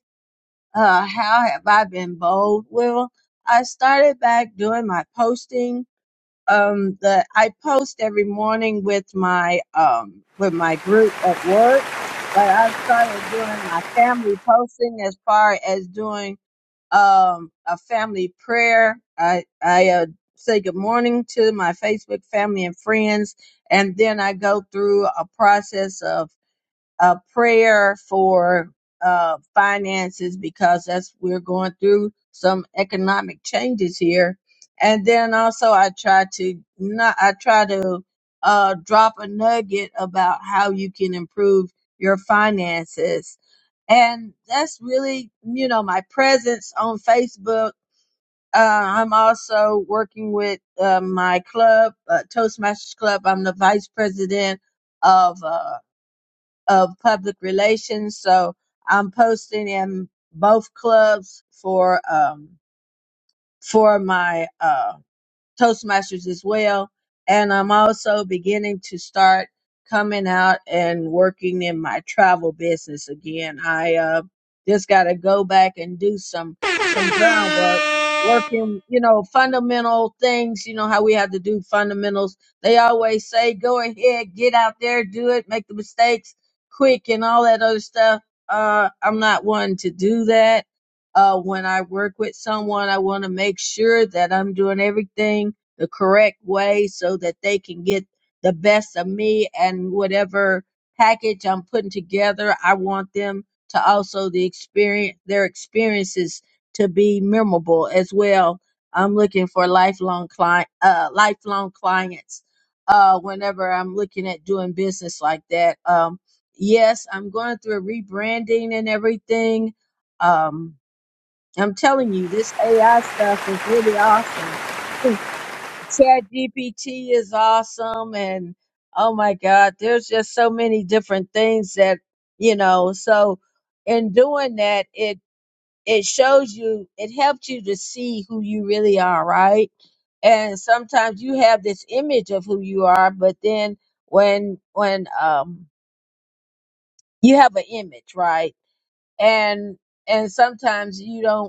Uh, how have I been bold? Well, I started back doing my posting. Um, the I post every morning with my um with my group at work, but I've started doing my family posting as far as doing um, a family prayer. I I uh, say good morning to my Facebook family and friends, and then I go through a process of a prayer for uh, finances because that's we're going through some economic changes here. And then also, I try to not I try to uh, drop a nugget about how you can improve your finances, and that's really you know my presence on Facebook. Uh, I'm also working with uh, my club, uh, Toastmasters Club. I'm the vice president of. uh, of public relations. So I'm posting in both clubs for um for my uh Toastmasters as well. And I'm also beginning to start coming out and working in my travel business again. I uh, just got to go back and do some some groundwork, working, you know, fundamental things. You know how we have to do fundamentals. They always say, "Go ahead, get out there, do it, make the mistakes quick, and all that other stuff." Uh, I'm not one to do that uh, when I work with someone, I want to make sure that I'm doing everything the correct way so that they can get the best of me and whatever package I'm putting together. I want them to also the experience, their experiences to be memorable as well. I'm looking for lifelong client, uh, lifelong clients. Uh, whenever I'm looking at doing business like that, um, yes, I'm going through a rebranding and everything. Um, I'm telling you, this AI stuff is really awesome. Chat GPT is awesome, and oh my God, there's just so many different things that you know. So, in doing that, it it shows you, it helps you to see who you really are, right? And sometimes you have this image of who you are, but then when when um you have an image, right? And and sometimes you don't.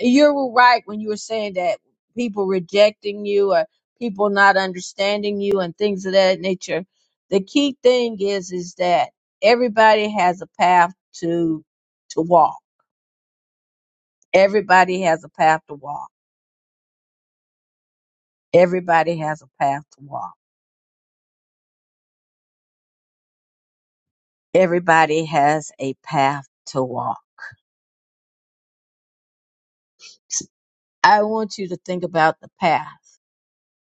you were right when you were saying that people rejecting you or people not understanding you and things of that nature. The key thing is is that everybody has a path to to walk. Everybody has a path to walk. Everybody has a path to walk. Everybody has a path to walk. I want you to think about the path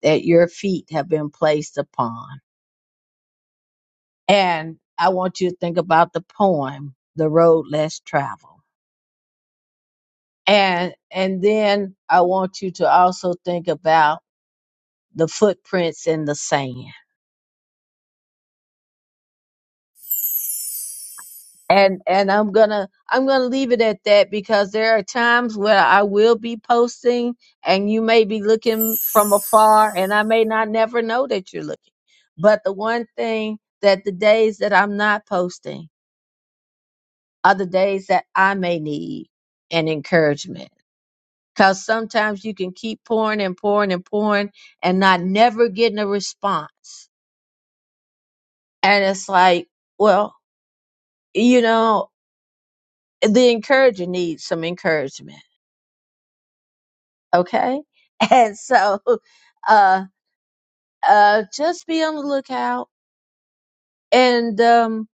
that your feet have been placed upon. And I want you to think about the poem, The Road Less Traveled and and then I want you to also think about the footprints in the sand. And and I'm gonna I'm gonna leave it at that because there are times where I will be posting and you may be looking from afar and I may not never know that you're looking. But the one thing that the days that I'm not posting are the days that I may need an encouragement. Cause sometimes you can keep pouring and pouring and pouring and not never getting a response And it's like, well, you know, the encourager needs some encouragement. Okay. And so, uh, uh, just be on the lookout and, um,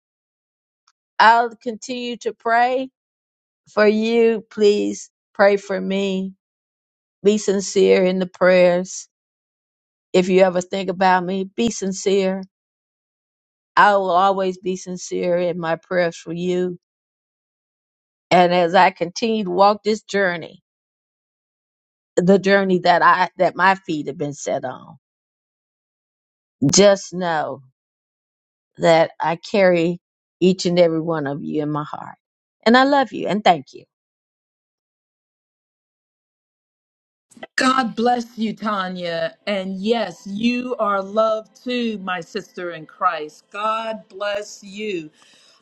I'll continue to pray for you. Please pray for me. Be sincere in the prayers. If you ever think about me, be sincere. I will always be sincere in my prayers for you. And as I continue to walk this journey, the journey that I that my feet have been set on. Just know that I carry each and every one of you in my heart. And I love you and thank you. God bless you, Tanya. And yes, you are loved too, my sister in Christ. God bless you.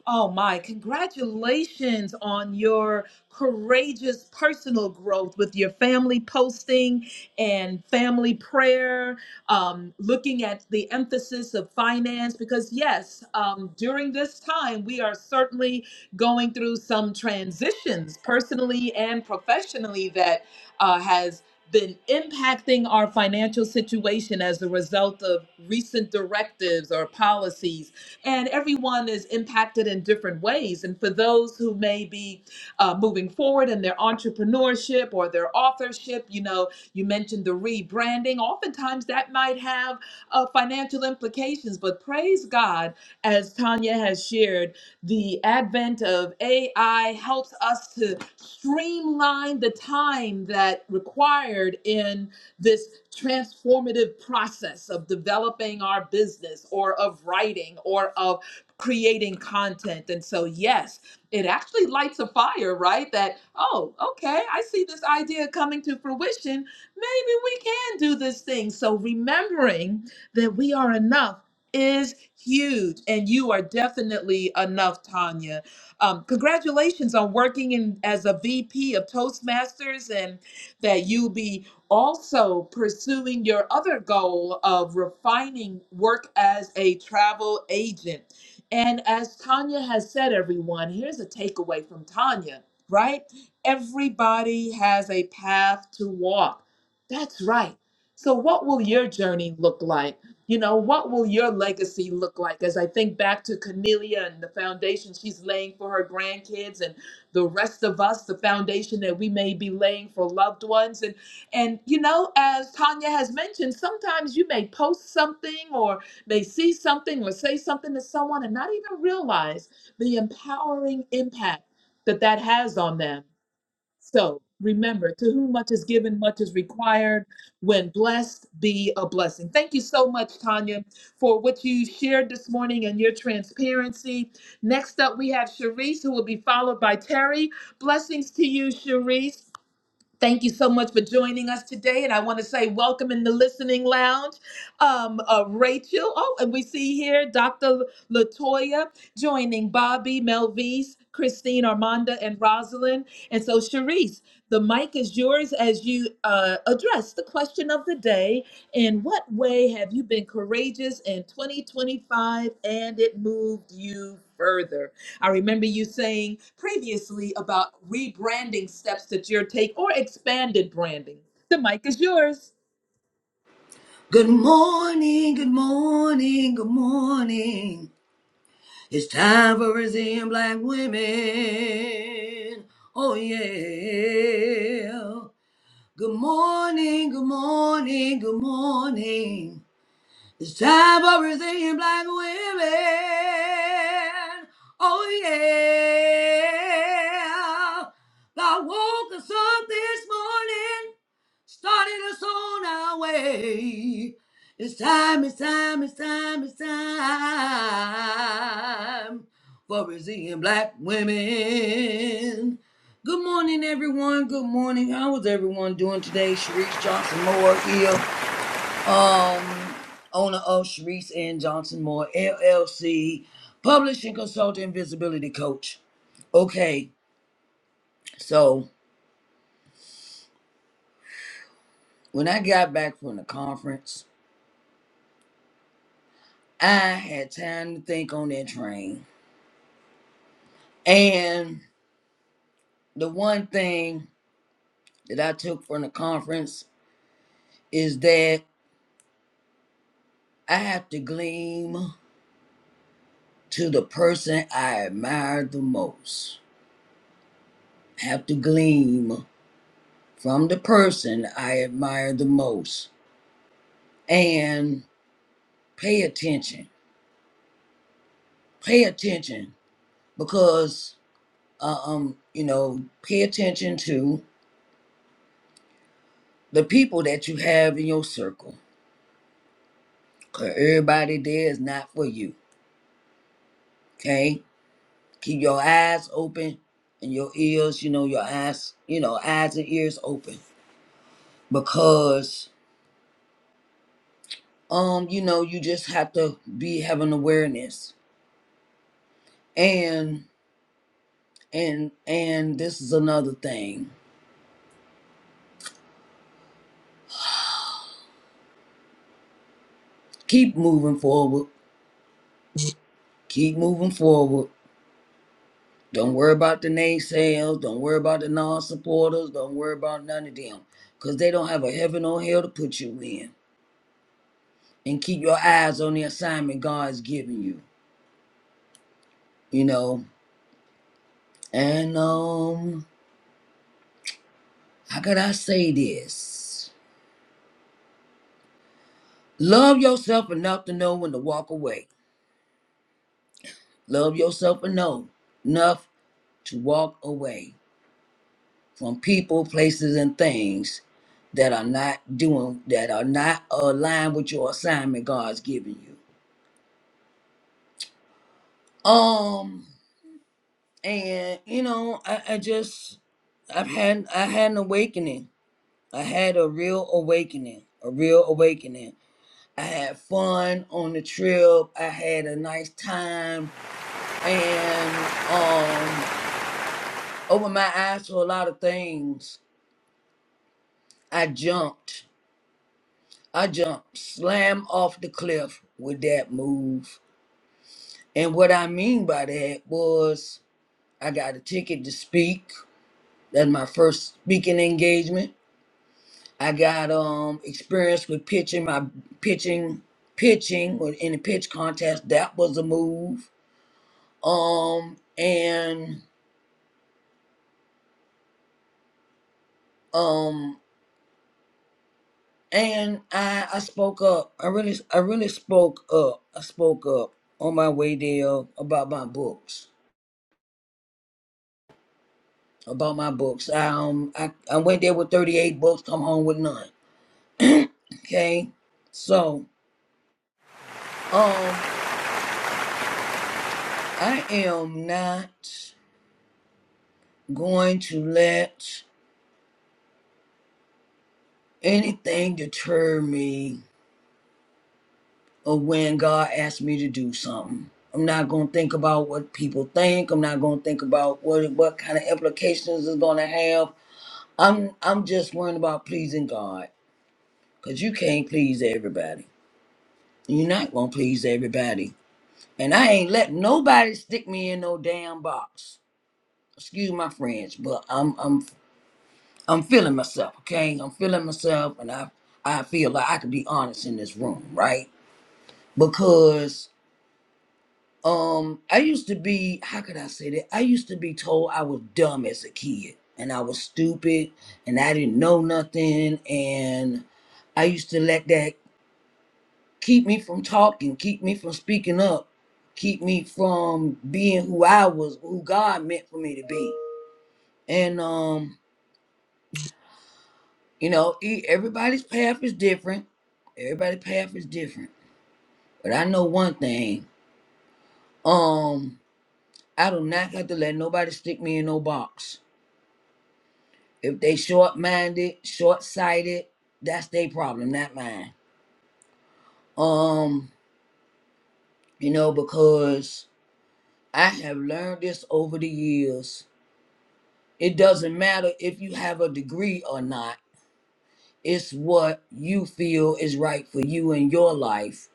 Oh my, congratulations on your courageous personal growth with your family posting and family prayer, um, looking at the emphasis of finance. Because, yes, um, during this time, we are certainly going through some transitions personally and professionally that uh, has been impacting our financial situation as a result of recent directives or policies and everyone is impacted in different ways. And for those who may be uh, moving forward in their entrepreneurship or their authorship, you know, you mentioned the rebranding. Oftentimes that might have uh, financial implications, but praise God, as Tanya has shared, the advent of AI helps us to streamline the time that required in this transformative process of developing our business or of writing or of creating content. And so, yes, it actually lights a fire, right? That, oh, okay, I see this idea coming to fruition. Maybe we can do this thing. So, remembering that we are enough is huge. And you are definitely enough, Tanya. Um, congratulations on working in as a VP of Toastmasters and that you'll be also pursuing your other goal of refining work as a travel agent. And as Tanya has said, everyone, here's a takeaway from Tanya, right? Everybody has a path to walk. That's right. So, what will your journey look like? You know, what will your legacy look like? As I think back to Cornelia and the foundation she's laying for her grandkids, and the rest of us, the foundation that we may be laying for loved ones. And and you know, as Tanya has mentioned, sometimes you may post something or may see something or say something to someone and not even realize the empowering impact that that has on them. So remember, to whom much is given, much is required. When blessed, be a blessing. Thank you so much, Tanya, for what you shared this morning and your transparency. Next up, we have Sharice, who will be followed by Terry. Blessings to you, Sharice. Thank you so much for joining us today. And I want to say welcome in the listening lounge, um, uh, Rachel. Oh, and we see here Dr. Latoya joining Bobby, Melvise, Christine, Armanda, and Rosalind. And so, Cherise, the mic is yours as you uh, address the question of the day. In what way have you been courageous in 2025 and it moved you further? I remember you saying previously about rebranding steps that you're taking or expanded branding. The mic is yours. Good morning, good morning, good morning. It's time for Brazilian black women. Oh, yeah. Good morning, good morning, good morning. It's time for Brazilian black women. Oh yeah. God woke us up this morning, started us on our way. It's time, it's time, it's time, it's time for Brazilian black women. Good morning, everyone. Good morning. How is everyone doing today? Sharice Johnson Moore here um, owner of Sharice and Johnson Moore LLC, publishing consultant, and visibility coach. Okay, so when I got back from the conference, I had time to think on that train, and the one thing that I took from the conference is that I have to gleam to the person I admire the most. I have to gleam from the person I admire the most. And pay attention pay attention because uh, um you know pay attention to the people that you have in your circle because everybody there is not for you okay keep your eyes open and your ears you know your eyes you know eyes and ears open because um you know you just have to be having awareness and and and this is another thing keep moving forward keep moving forward Don't worry about the naysayers. Don't worry about the non supporters. Don't worry about none of them. Because they don't have a heaven or hell to put you in. And keep your eyes on the assignment God's giving you. You know? And, um, how could I say this? Love yourself enough to know when to walk away. Love yourself enough, enough to walk away from people, places, and things that are not doing, that are not aligned with your assignment God's giving you Um, and you know, I, I just I've had I had an awakening. I had a real awakening, a real awakening. I had fun on the trip. I had a nice time and um opened my eyes to a lot of things. I jumped. I jumped slam off the cliff with that move. And what I mean by that was I got a ticket to speak. That's my first speaking engagement I got um experience with pitching my pitching pitching or in a pitch contest. That was a move. Um and um and I I spoke up. I really I really spoke up. I spoke up on my way there about my books. About my books. I um I, I went there with 38 books, come home with none. Okay? So um I am not going to let anything deter me of when God asks me to do something. I'm not gonna think about what people think. I'm not gonna think about what what kind of implications it's gonna have. I'm I'm just worrying about pleasing God, cause you can't please everybody. You're not gonna please everybody, and I ain't letting nobody stick me in no damn box. Excuse my French, but I'm I'm I'm feeling myself. Okay, I'm feeling myself, and I I feel like I could be honest in this room, right? Because Um, I used to be, how could I say that? I used to be told I was dumb as a kid and I was stupid and I didn't know nothing. And I used to let that keep me from talking, keep me from speaking up, keep me from being who I was, who God meant for me to be. And, um, you know, e- everybody's path is different. Everybody's path is different. But I know one thing. Um, I do not have to let nobody stick me in no box If they short minded, short sighted, that's their problem, not mine. Um, you know, because I have learned this over the years. It doesn't matter if you have a degree or not, it's what you feel is right for you in your life,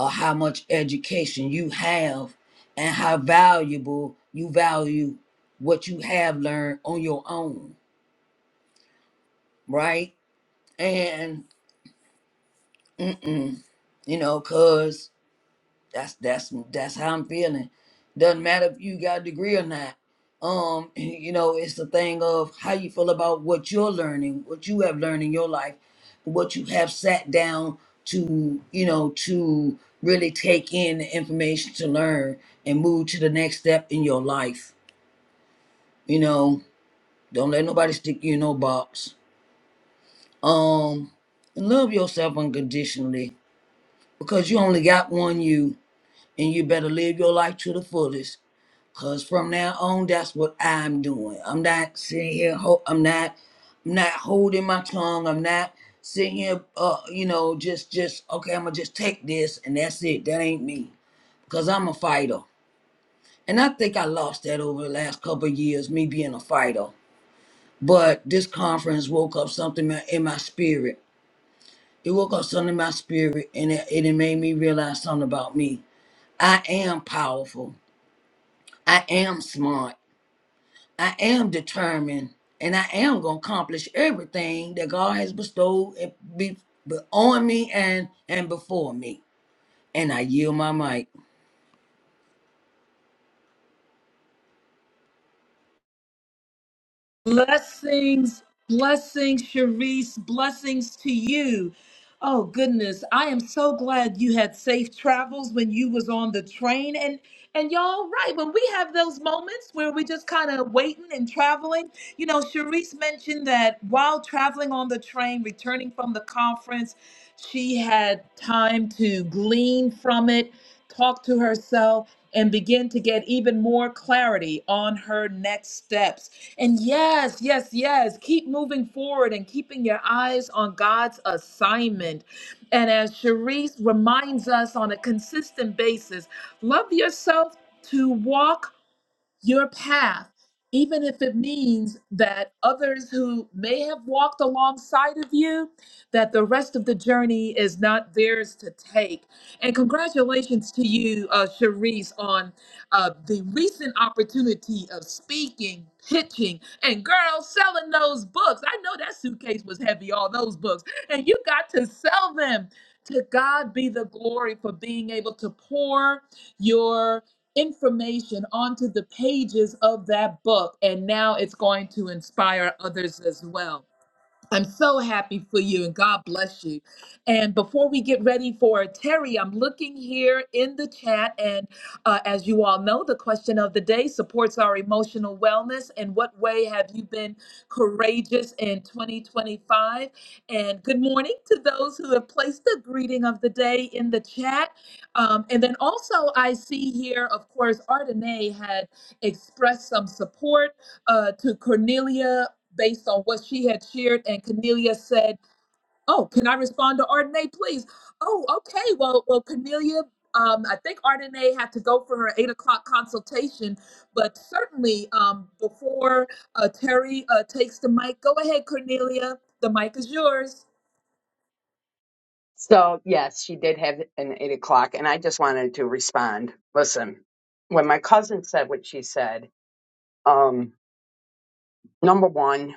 or how much education you have, and how valuable you value what you have learned on your own, right? And, mm-mm, you know, because That's that's that's how I'm feeling. Doesn't matter if you got a degree or not. Um, you know, it's the thing of how you feel about what you're learning, what you have learned in your life, what you have sat down to, you know, to really take in the information to learn and move to the next step in your life. You know, don't let nobody stick you in no box. Um, and love yourself unconditionally because you only got one you and you better live your life to the fullest Cause from now on, that's what I'm doing. I'm not sitting here. Ho- I'm not. I'm not holding my tongue. I'm not sitting here. Uh, you know, just, just okay. I'm gonna just take this and that's it. That ain't me. Cause I'm a fighter, and I think I lost that over the last couple of years, me being a fighter. But this conference woke up something in in my spirit. It woke up something in my spirit, and it, and it made me realize something about me. I am powerful. I am smart. I am determined and I am going to accomplish everything that God has bestowed and be, be on me and, and before me. And I yield my mic. Blessings, blessings, Sharice, blessings to you. Oh goodness, I am so glad you had safe travels when you was on the train and and y'all right when we have those moments where we just kind of waiting and traveling. You know, Sharice mentioned that while traveling on the train, returning from the conference, she had time to glean from it, talk to herself, and begin to get even more clarity on her next steps. And yes, yes, yes, keep moving forward and keeping your eyes on God's assignment. And as Cherise reminds us on a consistent basis, love yourself to walk your path, even if it means that others who may have walked alongside of you, that the rest of the journey is not theirs to take. And congratulations to you, uh, Cherise, on uh, the recent opportunity of speaking, pitching, and girls selling those books. I know that suitcase was heavy, all those books, and you got to sell them. To God be the glory for being able to pour your information onto the pages of that book, and now it's going to inspire others as well. I'm so happy for you and God bless you. And before we get ready for Terry, I'm looking here in the chat. And uh, as you all know, the question of the day supports our emotional wellness. In what way have you been courageous in 2025? And good morning to those who have placed the greeting of the day in the chat. Um, and then also, I see here, of course, Ardenae had expressed some support uh, to Cornelia based on what she had shared. And Cornelia said, Oh, can I respond to Ardenae, please? Oh, okay. Well, well, Cornelia, um, I think Ardenae had to go for her eight o'clock consultation, but certainly um, before uh, Terry uh, takes the mic, go ahead, Cornelia. The mic is yours. So, yes, she did have an eight o'clock, and I just wanted to respond. Listen, when my cousin said what she said, um, number one,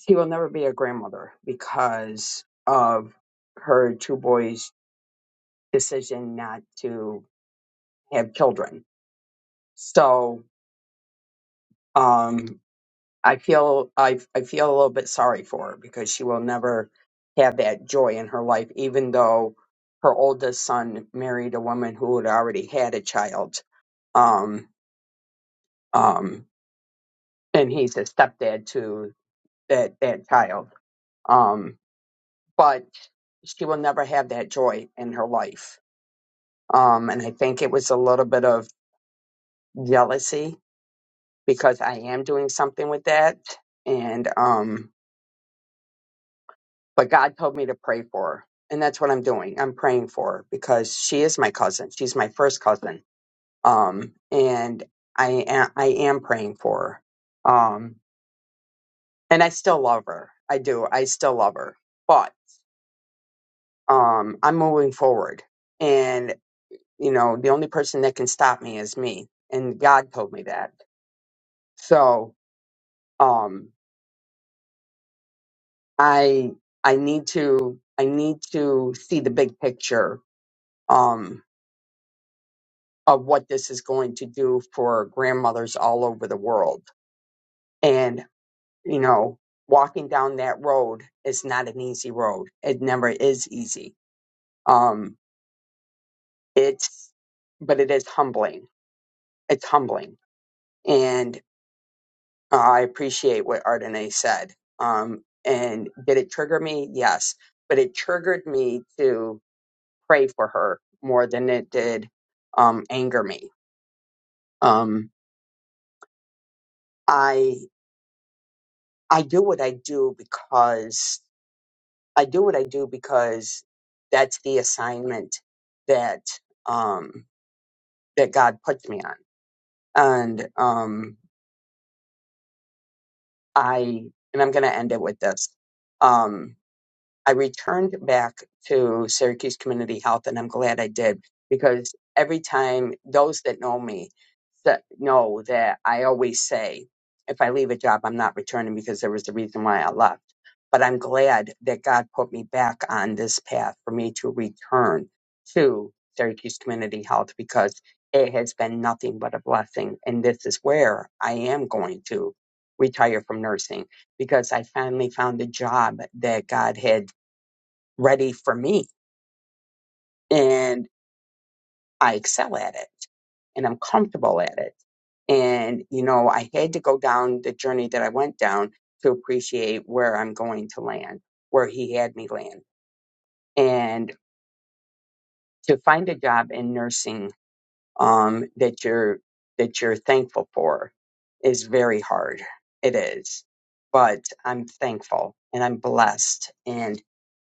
she will never be a grandmother because of her two boys' decision not to have children. So, um, I feel I I feel a little bit sorry for her because she will never have that joy in her life, even though her oldest son married a woman who had already had a child um, um, and he's a stepdad to that that child. Um, but she will never have that joy in her life. Um, and I think it was a little bit of jealousy because I am doing something with that. And um, but God told me to pray for her, and that's what I'm doing. I'm praying for her because she is my cousin. She's my first cousin. Um, and I am I am praying for her. Um, and I still love her. I do. I still love her. But um I'm moving forward. And you know, the only person that can stop me is me. And God told me that. So, um I I need to I need to see the big picture um of what this is going to do for grandmothers all over the world. And you know, walking down that road is not an easy road. It never is easy. Um it's but it is humbling it's humbling and uh, i appreciate what Ardenae said um and did it trigger me yes but it triggered me to pray for her more than it did um anger me um i i do what i do because i do what i do because that's the assignment that um that god puts me on and um I and I'm going to end it with this. Um, I returned back to Syracuse Community Health, and I'm glad I did because every time those that know me that know that I always say, if I leave a job, I'm not returning because there was the reason why I left. But I'm glad that God put me back on this path for me to return to Syracuse Community Health because it has been nothing but a blessing. And this is where I am going to retire from nursing because I finally found a job that God had ready for me and I excel at it and I'm comfortable at it. And, you know, I had to go down the journey that I went down to appreciate where I'm going to land, where he had me land and to find a job in nursing, um, that you're, that you're thankful for is very hard. It is, but I'm thankful and I'm blessed and.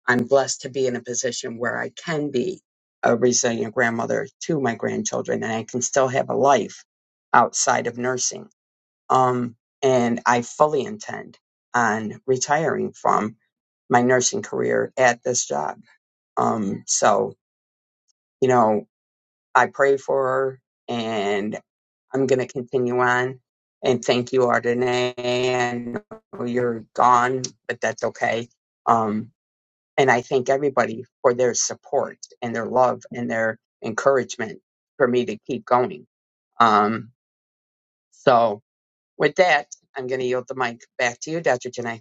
I'm blessed to be in a position where I can be a resilient grandmother to my grandchildren and I can still have a life outside of nursing. Um, and I fully intend on retiring from my nursing career at this job. Um, so, you know, I pray for her and I'm going to continue on. And thank you, Ardenae. And you're gone, but that's okay. Um, and I thank everybody for their support and their love and their encouragement for me to keep going. Um, so with that, I'm going to yield the mic back to you, Dr. Janai.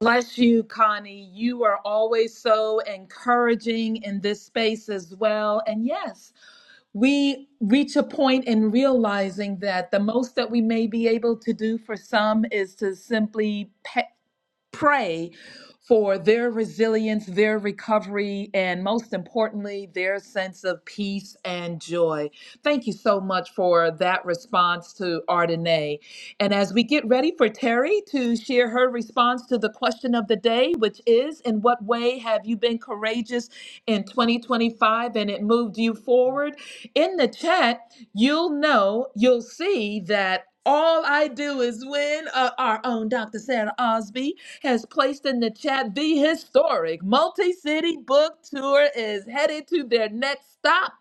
Bless you, Connie. You are always so encouraging in this space as well. And yes, we reach a point in realizing that the most that we may be able to do for some is to simply pa- pray for their resilience, their recovery, and most importantly, their sense of peace and joy. Thank you so much for that response to Ardenae. And as we get ready for Terry to share her response to the question of the day, which is In what way have you been courageous in 2025 and it moved you forward? In the chat, you'll know, you'll see that all I do is win uh, our own Dr. Sarah Osby has placed in the chat the historic multi city book tour is headed to their next stop.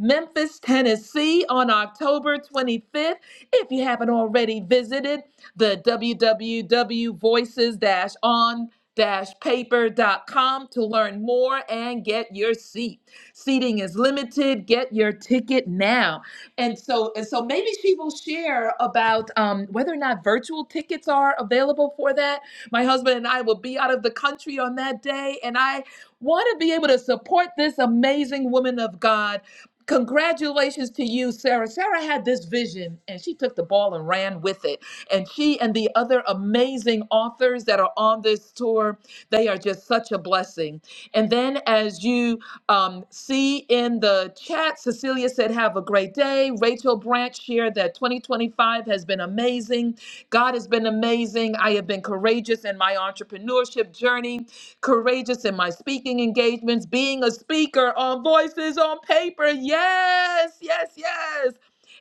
Memphis, Tennessee on October 25th. If you haven't already visited the www.voices-on-paper.com to learn more and get your seat. Seating is limited. Get your ticket now and so and so maybe she will share about um, whether or not virtual tickets are available for that. My husband and I will be out of the country on that day, and I want to be able to support this amazing woman of God Congratulations to you, Sarah. Sarah had this vision and she took the ball and ran with it. And she and the other amazing authors that are on this tour, they are just such a blessing. And then, as you um, see in the chat, Cecilia said, Have a great day. Rachel Branch shared that 2025 has been amazing. God has been amazing. I have been courageous in my entrepreneurship journey courageous in my speaking engagements, being a speaker on voices on paper. Yes, yes, yes.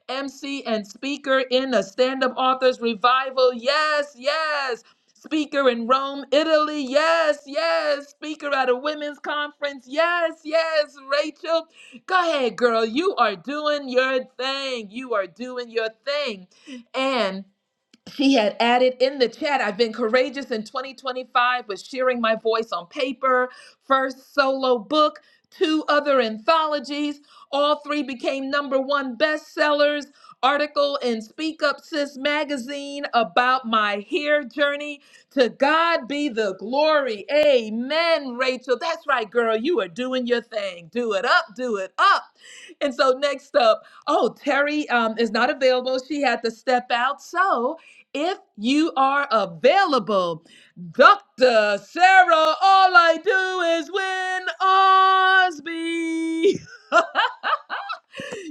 MC and speaker in a stand up authors revival. Yes, yes. Speaker in Rome, Italy. Yes, yes. Speaker at a women's conference. Yes, yes. Rachel, go ahead, girl. You are doing your thing. You are doing your thing. and. She had added in the chat, I've been courageous in 2025 with sharing my voice on paper, first solo book, two other anthologies. All three became number one bestsellers. Article in Speak Up Sis magazine about my hair journey. To God be the glory. Amen, Rachel. That's right, girl. You are doing your thing. Do it up, do it up. And so, next up, oh, Terry um, is not available. She had to step out. So, if you are available, Dr. Sarah, all I do is win Osby.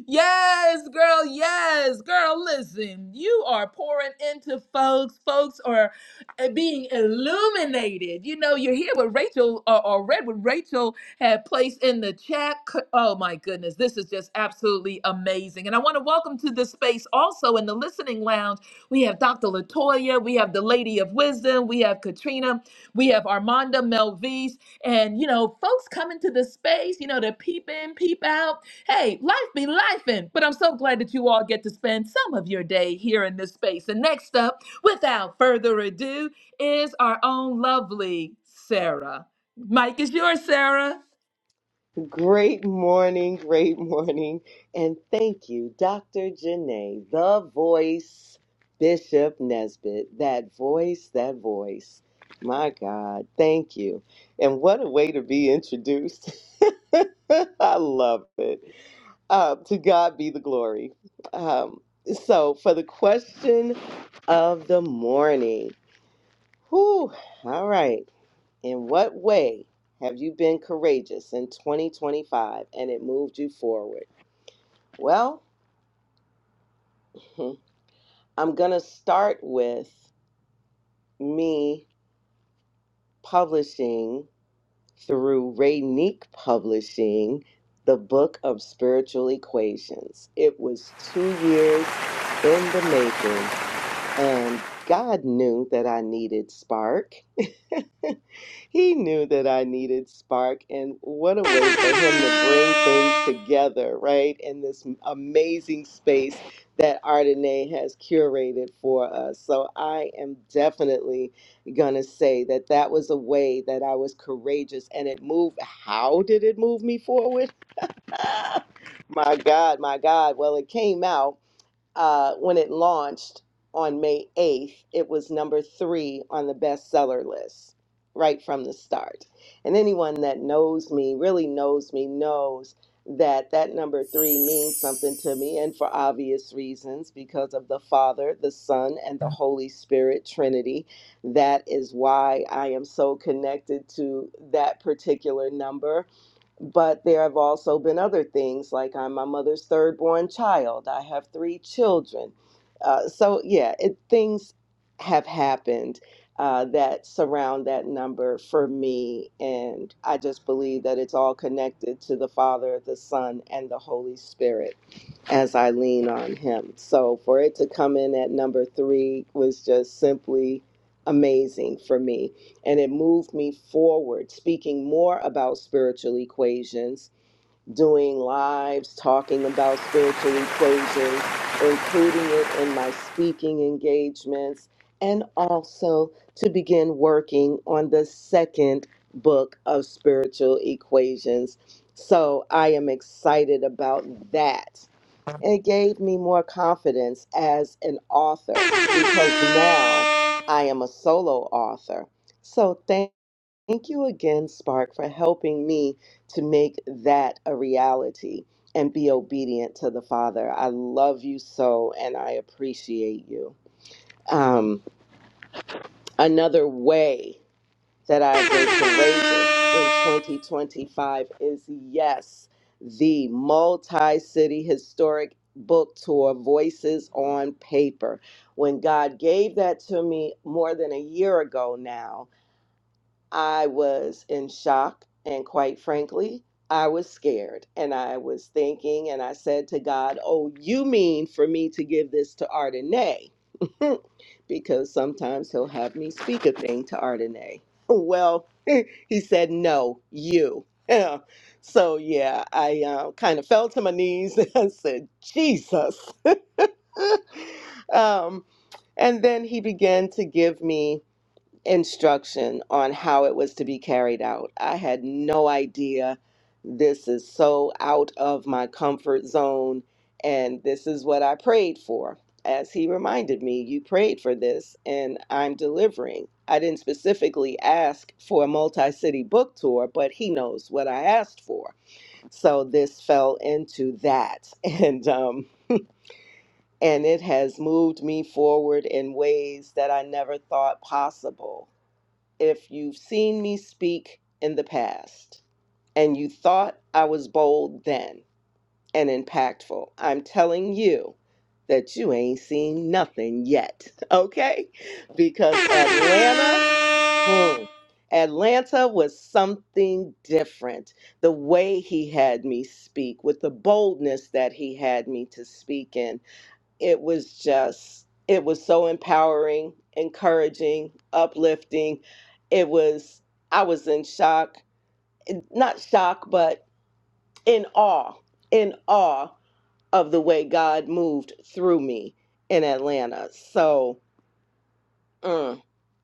Yes, girl. Yes, girl. Listen, you are pouring into folks. Folks are uh, being illuminated. You know, you're here with Rachel or, or read what Rachel had placed in the chat. C- Oh my goodness, this is just absolutely amazing. And I want to welcome to the space also in the listening lounge. We have Dr. Latoya, we have the Lady of Wisdom, we have Katrina, we have Armanda Melvise, and you know, folks come into the space. You know, to peep in, peep out Hey, life be lifing, but I'm so glad that you all get to spend some of your day here in this space. And next up, without further ado, is our own lovely Sarah. Mike is yours, Sarah. Great morning, great morning. And thank you, Dr. Janae, the voice, Bishop Nesbitt, that voice, that voice. My God, thank you. And what a way to be introduced. I love it. Uh, to God be the glory. Um, so, for the question of the morning, whew, all right. In what way have you been courageous in 2025 and it moved you forward? Well, I'm going to start with me publishing through Raynique Publishing the book of spiritual equations. It was two years in the making, and God knew that I needed spark. He knew that I needed Spark, and what a way for him to bring things together, right? In this amazing space that Ardenae has curated for us. So I am definitely going to say that that was a way that I was courageous and it moved. How did it move me forward? my God, my God. Well, it came out uh, when it launched on May 8th, it was number three on the bestseller list right from the start. And anyone that knows me, really knows me, knows that that number three means something to me, and for obvious reasons because of the Father, the Son, and the Holy Spirit Trinity. That is why I am so connected to that particular number but there have also been other things, like I'm my mother's third born child. I have three children. Uh, so, yeah, it, things have happened uh, that surround that number for me. And I just believe that it's all connected to the Father, the Son, and the Holy Spirit as I lean on him. So for it to come in at number three was just simply amazing for me. And it moved me forward, speaking more about spiritual equations, doing lives, talking about spiritual equations, including it in my speaking engagements, and also to begin working on the second book of spiritual equations. So I am excited about that it gave me more confidence as an author because now I am a solo author. So thank thank you again, Spark, for helping me to make that a reality and be obedient to the Father. I love you so and I appreciate you. Um, another way that I've been courageous in 2025 is yes, the multi city historic book tour, Voices on Paper. When God gave that to me more than a year ago now, I was in shock. And quite frankly, I was scared and I was thinking, and I said to God, Oh, you mean for me to give this to Ardenae? because sometimes he'll have me speak a thing to Ardenae. Well, he said, no, you. Yeah. So, yeah, I uh, kind of fell to my knees and said, Jesus. um, and then he began to give me instruction on how it was to be carried out. I had no idea. This is so out of my comfort zone. And this is what I prayed for. As he reminded me, you prayed for this, and I'm delivering. I didn't specifically ask for a multi city book tour, but he knows what I asked for. So this fell into that. And, um, and it has moved me forward in ways that I never thought possible if you've seen me speak in the past and you thought I was bold then and impactful, I'm telling you that you ain't seen nothing yet, okay? Because Atlanta, hmm, Atlanta was something different. The way he had me speak, with the boldness that he had me to speak in, it was just it was so empowering encouraging uplifting it was i was in shock not shock but in awe in awe of the way god moved through me in atlanta so mm.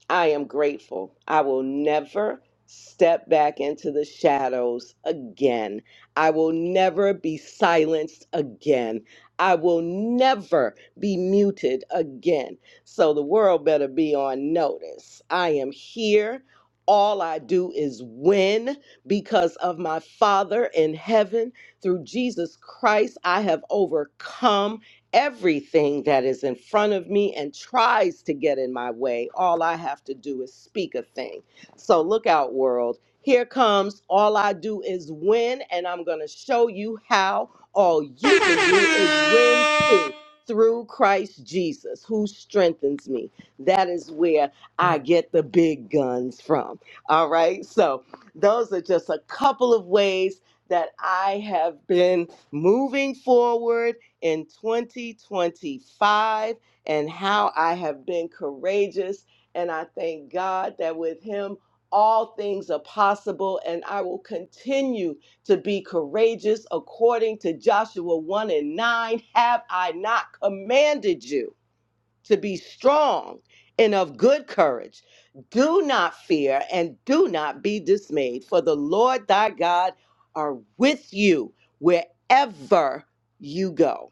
I am grateful. I will never step back into the shadows again. I will never be silenced again. I will never be muted again. So the world better be on notice. I am here. All I do is win because of my Father in heaven. Through Jesus Christ, I have overcome everything that is in front of me and tries to get in my way. All I have to do is speak a thing. So look out, world. Here comes all I do is win, and I'm going to show you how all you can do is win too through Christ Jesus, who strengthens me. That is where I get the big guns from. All right. So, those are just a couple of ways that I have been moving forward in 2025 and how I have been courageous. And I thank God that with Him, all things are possible. And I will continue to be courageous according to Joshua 1 and 9. Have I not commanded you to be strong and of good courage? Do not fear and do not be dismayed, for the Lord thy God are with you wherever you go.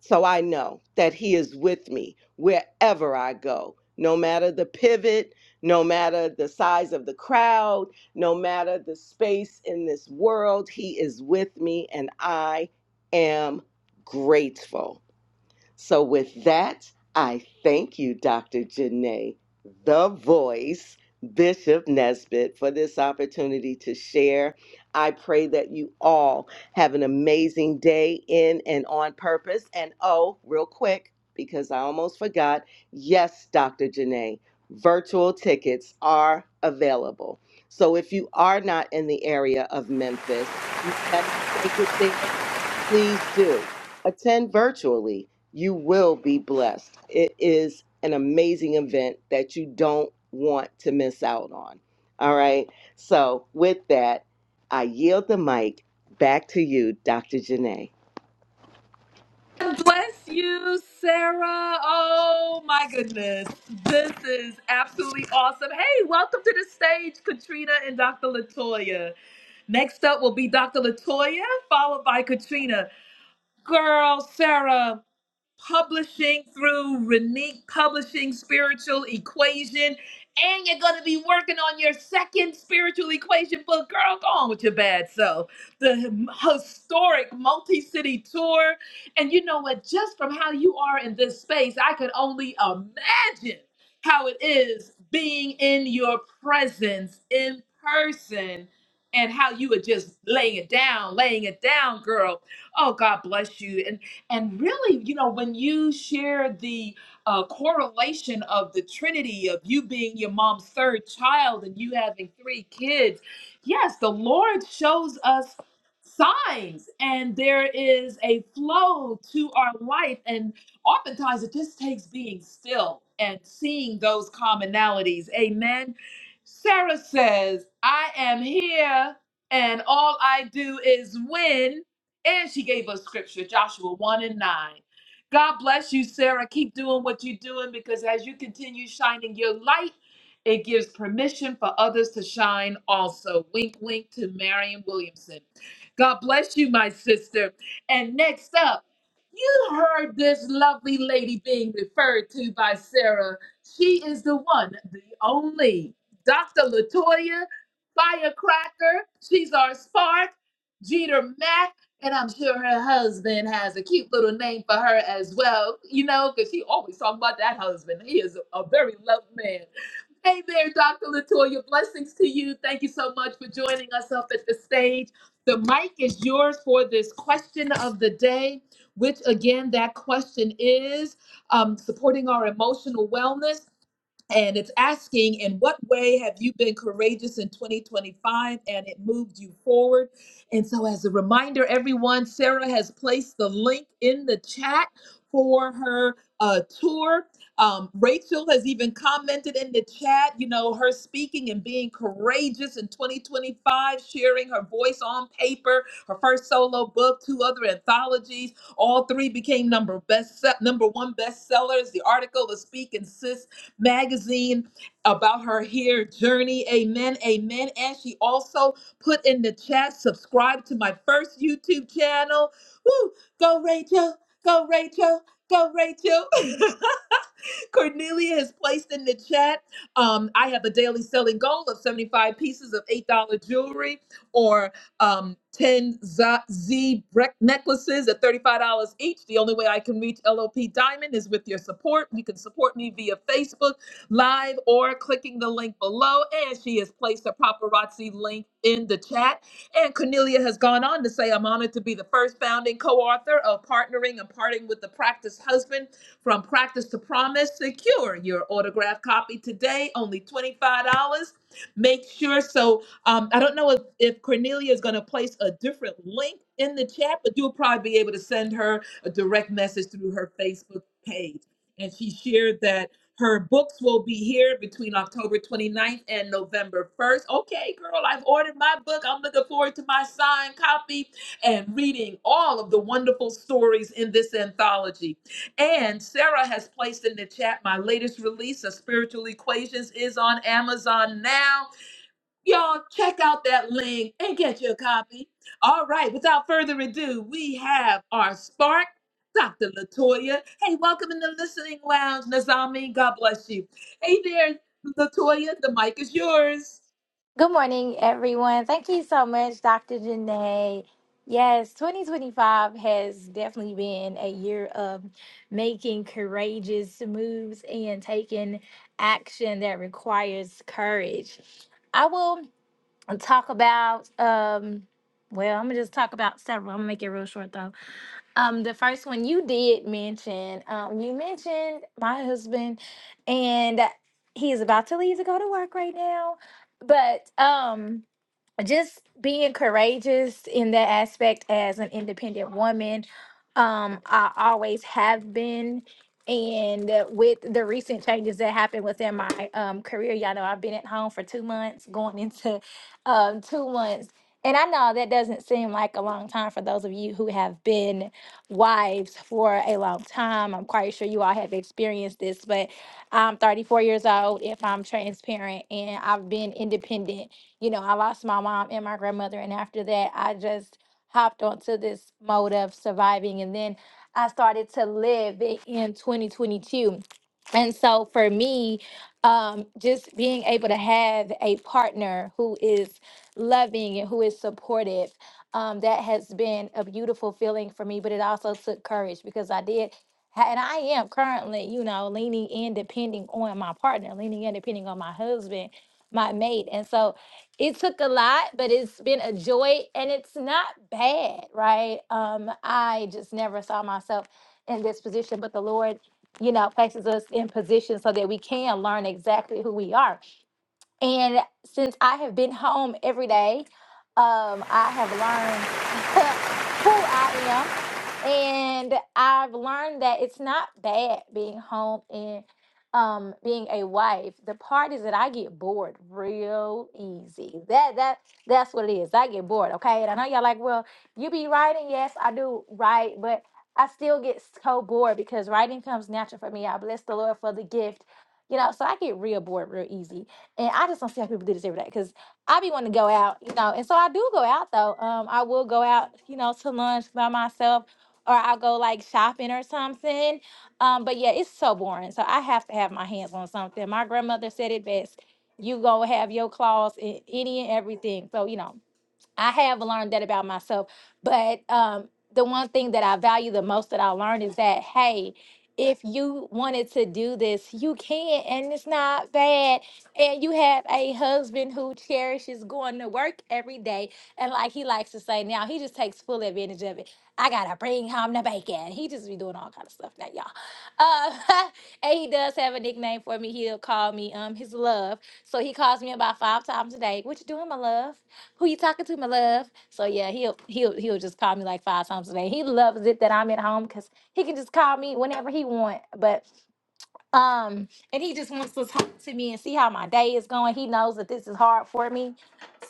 So I know that He is with me wherever I go, no matter the pivot, no matter the size of the crowd, no matter the space in this world, He is with me and I am grateful. So, with that, I thank you, Dr. Janae, the voice, Bishop Nesbitt, for this opportunity to share. I pray that you all have an amazing day in and on purpose. And oh, real quick, because I almost forgot yes, Dr. Janae, virtual tickets are available. So, if you are not in the area of Memphis, you cannot make it there please do attend virtually. You will be blessed. It is an amazing event that you don't want to miss out on. All right. So, with that, I yield the mic back to you, Dr. Janae. Bless you, Sarah. Oh my goodness. This is absolutely awesome. Hey, welcome to the stage, Katrina and Dr. Latoya. Next up will be Dr. Latoya, followed by Katrina. Girl, Sarah publishing through Renique Publishing Spiritual Equation. And you're going to be working on your second spiritual equation book. Girl, go on with your bad self. The historic multi city tour. And you know what? Just from how you are in this space, I could only imagine how it is being in your presence in person and how you are just laying it down, laying it down, girl. Oh, God bless you. and. And really, you know, when you share the uh, correlation of the Trinity of you being your mom's third child and you having three kids, yes, the Lord shows us signs and there is a flow to our life. And oftentimes it just takes being still and seeing those commonalities. Amen. Sarah says, I am here and all I do is win. And she gave us scripture, Joshua 1 and 9. God bless you, Sarah. Keep doing what you're doing because as you continue shining your light, it gives permission for others to shine also. Wink, wink to Marion Williamson. God bless you, my sister. And next up, you heard this lovely lady being referred to by Sarah. She is the one, the only Dr. Latoya Firecracker. She's our spark. Jeter Mack. And I'm sure her husband has a cute little name for her as well, you know, because she always talking about that husband. He is a a very loved man. Hey there, Dr. Latoya. Blessings to you. Thank you so much for joining us up at the stage. The mic is yours for this question of the day, which again, that question is um, supporting our emotional wellness and it's asking in what way have you been courageous in 2025 and it moved you forward and so as a reminder everyone sarah has placed the link in the chat for her uh, tour um, rachel has even commented in the chat you know her speaking and being courageous in 2025 sharing her voice on paper her first solo book two other anthologies all three became number best number one bestsellers the article the speak and Sis magazine about her hair journey. Amen. Amen. And she also put in the chat, subscribe to my first YouTube channel. Woo! Go Rachel. Go Rachel. Go Rachel. Cornelia has placed in the chat. Um, I have a daily selling goal of 75 pieces of $8 jewelry or um, 10 Z, Z brec- necklaces at $35 each. The only way I can reach LOP Diamond is with your support. You can support me via Facebook Live or clicking the link below. And she has placed a paparazzi link in the chat. And Cornelia has gone on to say, I'm honored to be the first founding co author of Partnering and Parting with the Practice Husband from practice to promise, secure your autographed copy today, only $25. Make sure, so um, I don't know if, if Cornelia is going to place a different link in the chat, but you'll probably be able to send her a direct message through her Facebook page. And she shared that her books will be here between October 29th and November 1st. Okay, girl, I've ordered my book. I'm looking forward to my signed copy and reading all of the wonderful stories in this anthology. And Sarah has placed in the chat my latest release of Spiritual Equations is on Amazon now. Y'all check out that link and get your copy. All right, without further ado, we have our spark, Dr. Latoya. Hey, welcome in the listening lounge, Nazami. God bless you. Hey there, Latoya, the mic is yours. Good morning, everyone. Thank you so much, Dr. Janae. Yes, 2025 has definitely been a year of making courageous moves and taking action that requires courage. I will talk about, um, well, I'm going to just talk about several. I'm going to make it real short, though. Um, the first one you did mention, um, you mentioned my husband, and he is about to leave to go to work right now. But um, just being courageous in that aspect as an independent woman um i always have been and uh, with the recent changes that happened within my um, career y'all know i've been at home for two months going into um, two months and i know that doesn't seem like a long time for those of you who have been wives for a long time i'm quite sure you all have experienced this but i'm 34 years old if i'm transparent and i've been independent you know, I lost my mom and my grandmother. And after that, I just hopped onto this mode of surviving. And then I started to live it in 2022. And so for me, um, just being able to have a partner who is loving and who is supportive, um, that has been a beautiful feeling for me. But it also took courage because I did ha- and I am currently, you know, leaning in, depending on my partner, leaning in, depending on my husband, my mate. And so it took a lot, but it's been a joy and it's not bad, right? Um, I just never saw myself in this position, but the Lord, you know, places us in position so that we can learn exactly who we are and since I have been home every day, um, I have learned who I am. And I've learned that it's not bad being home and um being a wife. The part is that I get bored real easy. That that that's what it is. I get bored, okay? And I know y'all like, well, you be writing. Yes, I do write, but I still get so bored because writing comes natural for me. I bless the Lord for the gift. You know, so I get real bored real easy. And I just don't see how people do this every day because I be wanting to go out, you know. And so I do go out though. Um, I will go out, you know, to lunch by myself, or I'll go like shopping or something. Um, but yeah, it's so boring. So I have to have my hands on something. My grandmother said it best. You gonna have your claws in any and everything. So you know, I have learned that about myself. But um, the one thing that I value the most that I learned is that, hey, if you wanted to do this, you can, and it's not bad. And you have a husband who cherishes going to work every day. And like he likes to say now, he just takes full advantage of it. I gotta bring home the bacon. He just be doing all kind of stuff now, y'all. Uh, and he does have a nickname for me. He'll call me um his love. So he calls me about five times a day. What you doing, my love? who you talking to, my love? So yeah, he'll he'll he'll just call me like five times a day. He loves it that I'm at home because he can just call me whenever he want. But um, and he just wants to talk to me and see how my day is going. He knows that this is hard for me,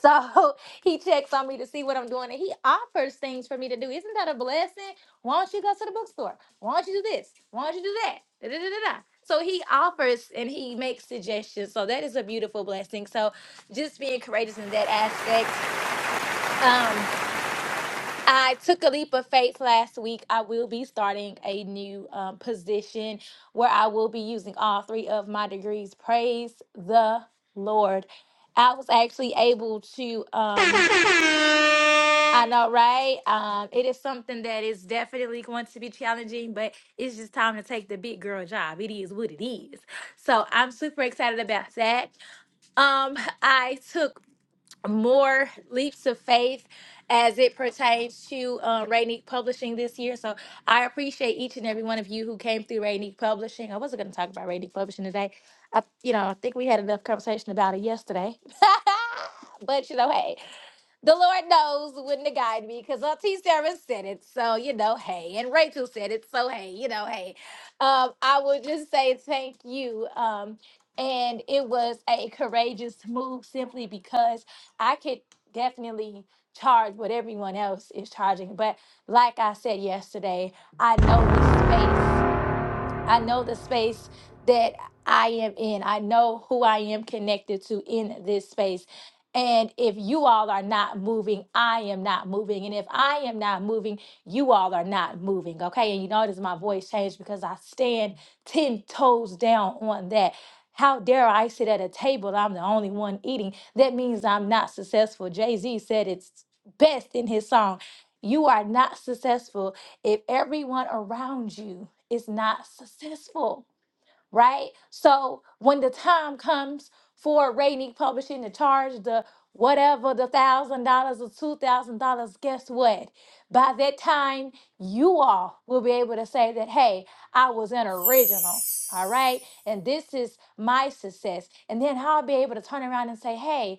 so he checks on me to see what I'm doing, and he offers things for me to do. Isn't that a blessing? Why don't you go to the bookstore? Why don't you do this? Why don't you do that? Da, da, da, da, da. So he offers and he makes suggestions. So that is a beautiful blessing. So just being courageous in that aspect um, I took a leap of faith last week. I will be starting a new um, position where I will be using all three of my degrees. Praise the Lord. I was actually able to, um, I know, right? Um, it is something that is definitely going to be challenging, but it's just time to take the big girl job. It is what it is. So I'm super excited about that. Um, I took more leaps of faith as it pertains to uh, Rainique Publishing this year. So I appreciate each and every one of you who came through Rainique Publishing. I wasn't going to talk about Rainique Publishing today. I, you know, I think we had enough conversation about it yesterday. but you know, hey, the Lord knows when to guide me because Auntie Sarah said it. So, you know, hey. And Rachel said it. So, hey, you know, hey. Um, I will just say thank you. Um, and it was a courageous move simply because I could definitely charge what everyone else is charging. But like I said yesterday, I know the space. I know the space that I am in. I know who I am connected to in this space. And if you all are not moving, I am not moving. And if I am not moving, you all are not moving. Okay. And you notice my voice changed because I stand 10 toes down on that. How dare I sit at a table and I'm the only one eating? That means I'm not successful. Jay Z said it's best in his song. You are not successful if everyone around you is not successful right? So when the time comes for Rainy Publishing to charge the whatever the thousand dollars or two thousand dollars, guess what? By that time, you all will be able to say that, hey, I was an original. All right. And this is my success. And then I'll be able to turn around and say, hey,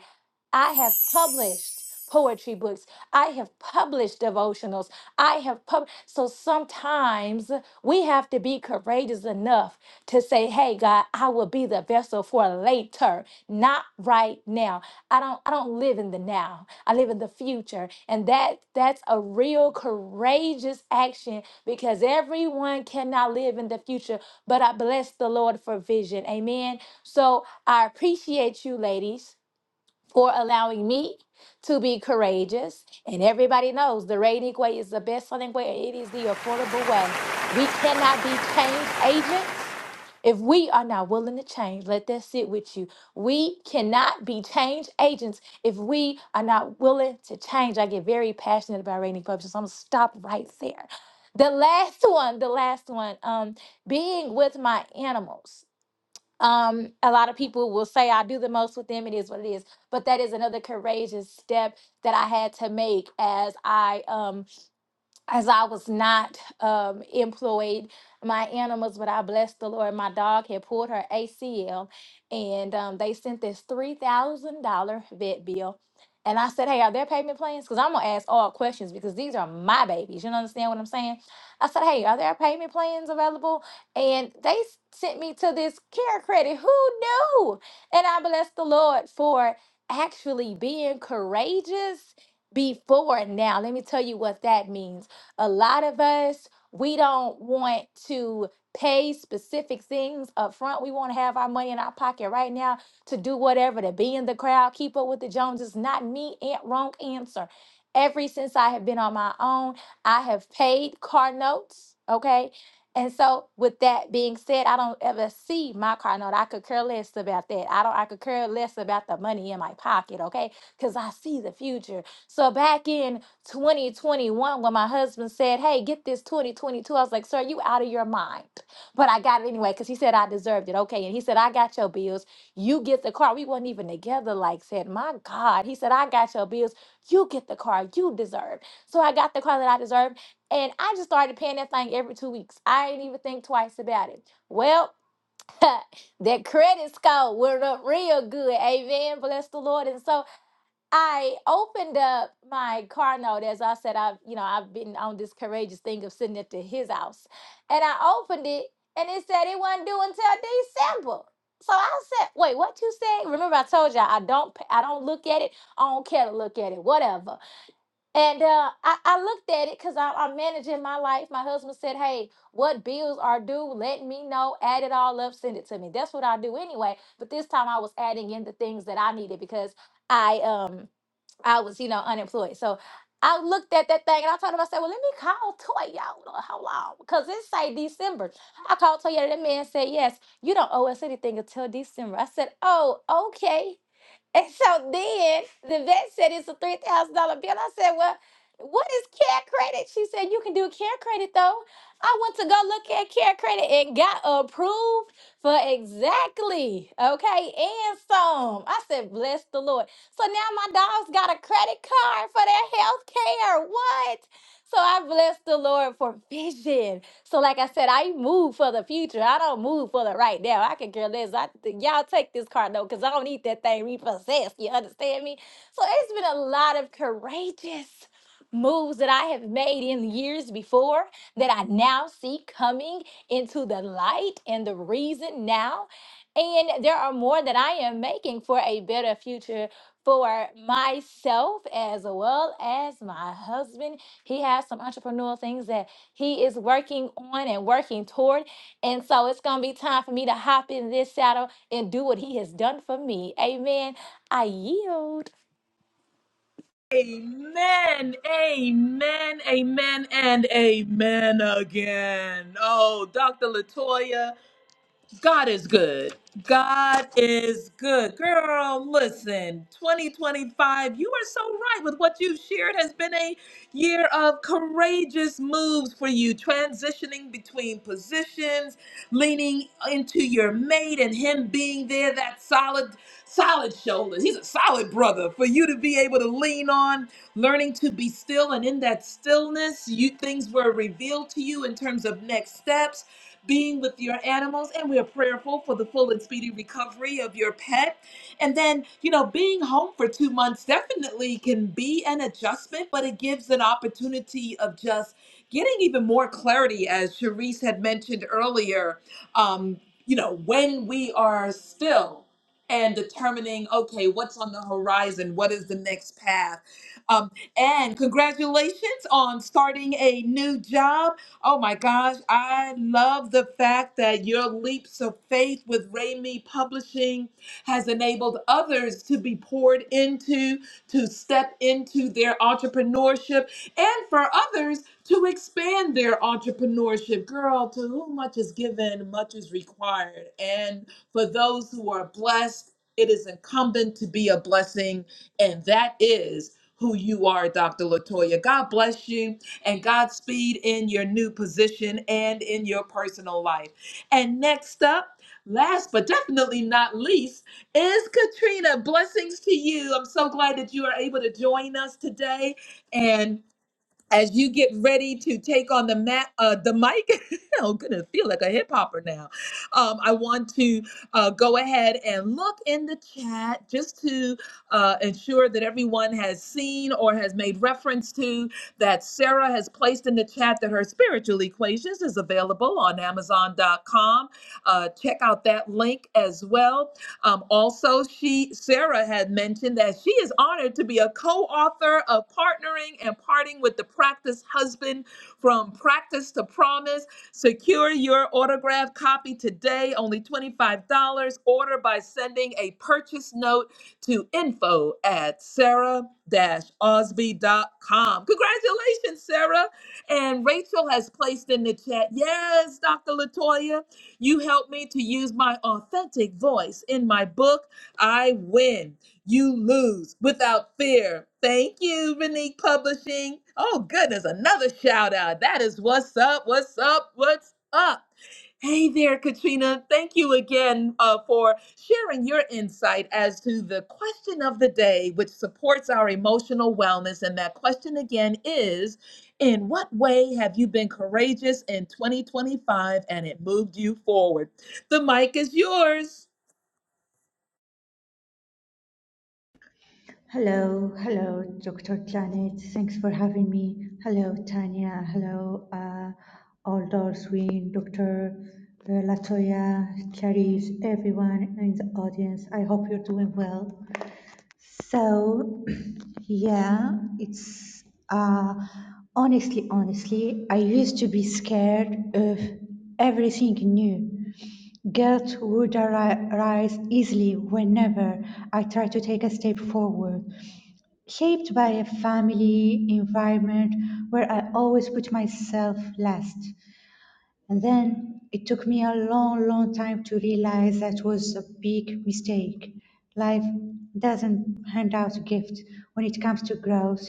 I have published poetry books. I have published devotionals. I have pub. So sometimes we have to be courageous enough to say, hey God, I will be the vessel for later, not right now. I don't I don't live in the now. I live in the future. And that that's a real courageous action because everyone cannot live in the future. But I bless the Lord for vision. Amen. So I appreciate you ladies for allowing me to be courageous. And everybody knows the Rainique Way is the best selling way, it is the affordable way. We cannot be change agents. If we are not willing to change, let that sit with you. We cannot be change agents if we are not willing to change. I get very passionate about rating publishers. I'm gonna stop right there. The last one, the last one, um, being with my animals. Um, a lot of people will say I do the most with them. It is what it is. But that is another courageous step that I had to make as I um as I was not um, employed my animals, but I blessed the Lord. My dog had pulled her ACL, and um, they sent this three thousand dollar vet bill. And I said, "Hey, are there payment plans? Because I'm gonna ask all questions because these are my babies. You know, understand what I'm saying?" I said, "Hey, are there payment plans available?" And they s- sent me to this care credit. Who knew? And I blessed the Lord for actually being courageous before now. Let me tell you what that means a lot of us, we don't want to pay specific things up front. We want to have our money in our pocket right now to do whatever, to be in the crowd, keep up with the Joneses. Not me, Aunt Wrong Answer. Ever since I have been on my own, I have paid car notes, okay? And so, with that being said, I don't ever see my car note. I could care less about that. I don't. I could care less about the money in my pocket, okay? Because I see the future. So back in 2021 when my husband said, Hey, get this 2022. I was like, Sir, you out of your mind. But I got it anyway because he said I deserved it. Okay. And he said, I got your bills. You get the car. We weren't even together, like said, My God. He said, I got your bills. You get the car you deserve. So I got the car that I deserved. And I just started paying that thing every two weeks. I didn't even think twice about it. Well, that credit score went up real good. Amen. Bless the Lord. And so I opened up my car note as I said I've you know I've been on this courageous thing of sitting at to his house, and I opened it and it said it wasn't due until December. So I said, "Wait, what you say?" Remember, I told you all I don't I I don't look at it. I don't care to look at it, whatever. And uh, I, I looked at it because I'm managing my life. My husband said, "Hey, what bills are due? Let me know. Add it all up. Send it to me." That's what I do anyway. But this time I was adding in the things that I needed because I um I was, you know, unemployed. So I looked at that thing and I told him, I said, well, let me call Toya. How long? Because it say December. I called Toya. and That man said, yes, you don't owe us anything until December. I said, oh, okay. And so then the vet said it's a three thousand dollar bill. I said, Well, what is care credit? She said, You can do care credit though. I went to go look at care credit and got approved for exactly, okay, and some. I said, Bless the Lord. So now my dog's got a credit card for their health care. What? So I bless the Lord for vision. So, like I said, I move for the future. I don't move for the right now. I can care less. I y'all take this car though, because I don't need that thing repossessed. You understand me? So it's been a lot of courageous moves that I have made in years before that I now see coming into the light and the reason now. And there are more that I am making for a better future for myself as well as my husband. He has some entrepreneurial things that he is working on and working toward. And so it's going to be time for me to hop in this saddle and do what He has done for me. Amen. I yield. Amen, amen, amen, and amen again. Oh, Dr. Latoya. God is good. God is good. Girl, listen, 2025, you are so right with what you've shared has been a year of courageous moves for you, transitioning between positions, leaning into your mate and him being there, that solid, solid shoulder. He's a solid brother for you to be able to lean on, learning to be still. And in that stillness, you things were revealed to you in terms of next steps being with your animals, and we're prayerful for the full and speedy recovery of your pet. And then, you know, being home for two months definitely can be an adjustment, but it gives an opportunity of just getting even more clarity, as Cherise had mentioned earlier. Um, you know, when we are still and determining, okay, what's on the horizon? What is the next path? Um, and congratulations on starting a new job. Oh my gosh, I love the fact that your leaps of faith with Raymi Publishing has enabled others to be poured into, to step into their entrepreneurship, and for others to expand their entrepreneurship. Girl, to whom much is given, much is required. And for those who are blessed, it is incumbent to be a blessing, and that is who you are, Dr. Latoya. God bless you and Godspeed in your new position and in your personal life. And next up, last but definitely not least, is Katrina. Blessings to you. I'm so glad that you are able to join us today. And as you get ready to take on the ma- uh, the mic, I'm gonna feel like a hip hopper now. Um, I want to uh, go ahead and look in the chat just to uh, ensure that everyone has seen or has made reference to that Sarah has placed in the chat that her spiritual equations is available on Amazon.com. Uh, check out that link as well um, also, she Sarah had mentioned that she is honored to be a co-author of partnering and parting with the practice husband from practice to promise. Secure your autographed copy today, only $25. Order by sending a purchase note to info at sarah-osby.com. Congratulations, Sarah. And Rachel has placed in the chat, yes, Dr. Latoya. You help me to use my authentic voice in my book, I Win, You Lose Without Fear. Thank you, Renique Publishing. Oh, goodness, another shout out. That is what's up, what's up, what's up. Hey there, Katrina. Thank you again uh, for sharing your insight as to the question of the day, which supports our emotional wellness. And that question again is in what way have you been courageous in 2025 and it moved you forward? The mic is yours. Hello, hello, Dr. Planet. Thanks for having me. Hello, Tanya. Hello, uh, Aldor Swin, Dr. uh, Latoya, Clarice, everyone in the audience. I hope you're doing well. So, yeah, it's uh, honestly, honestly, I used to be scared of everything new. Guilt would ari- arise easily whenever I tried to take a step forward shaped by a family environment where I always put myself last. And then it took me a long, long time to realize that was a big mistake. Life doesn't hand out gifts when it comes to growth.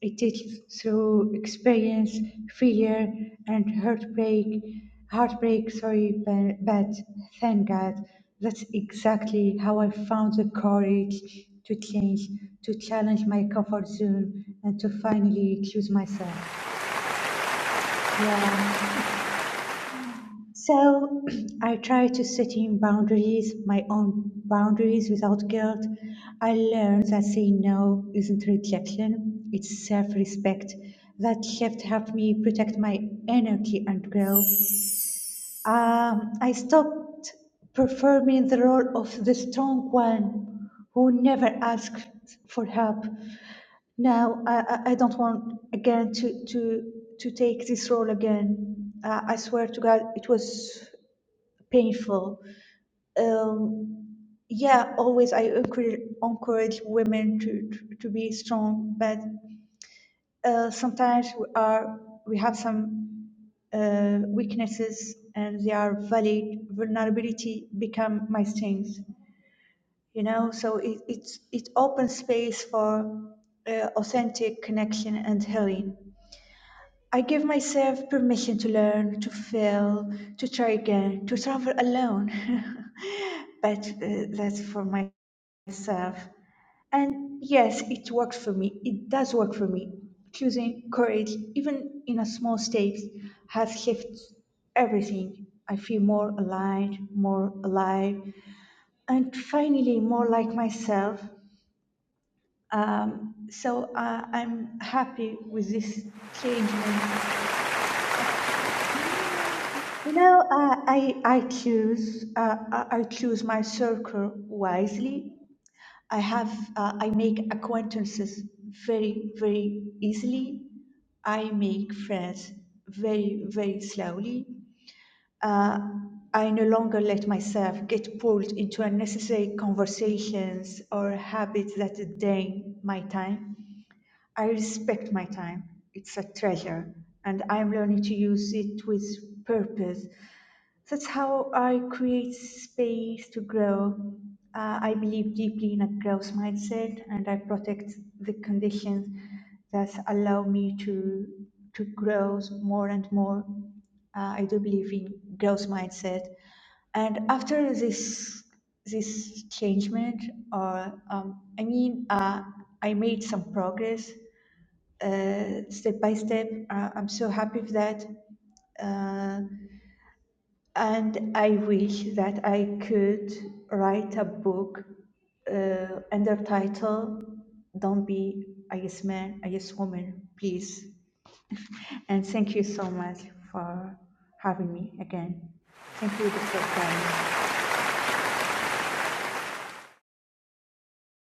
It is through experience, failure, and heartbreak. Heartbreak, sorry, but, but thank God, that's exactly how I found the courage to change, to challenge my comfort zone, and to finally choose myself. Yeah. So I try to set in boundaries, my own boundaries without guilt. I learned that saying no isn't rejection, it's self respect. That shift helped me protect my energy and grow. Um, I stopped performing the role of the strong one who never asked for help. Now I, I I don't want again to, to, to take this role again. Uh, I swear to God, it was painful. Um, yeah, always I encourage, encourage women to, to, to be strong, but uh, sometimes we are we have some uh, weaknesses and they are valid. Vulnerability become my strength, you know. So it it's, it opens space for uh, authentic connection and healing. I give myself permission to learn, to fail, to try again, to travel alone. but uh, that's for myself. And yes, it works for me. It does work for me. Choosing courage, even in a small steps, has shifted everything. I feel more aligned, more alive, and finally more like myself. Um, so uh, I'm happy with this changement Yeah. You know, uh, I I choose uh, I I choose my circle wisely. I have uh, I make acquaintances very very easily. I make friends very very slowly. Uh, I no longer let myself get pulled into unnecessary conversations or habits that drain my time. I respect my time. It's a treasure, and I'm learning to use it with purpose that's how I create space to grow. Uh, I believe deeply in a growth mindset and I protect the conditions that allow me to, to grow more and more. Uh, I do believe in growth mindset. And after this this changement, or um, I mean, uh, I made some progress uh, step by step. Uh, I'm so happy with that Uh, and I wish that I could write a book uh, under title Don't Be a Yes Man, a Yes Woman, please. And thank you so much for having me again. Thank you, Dr. Zani.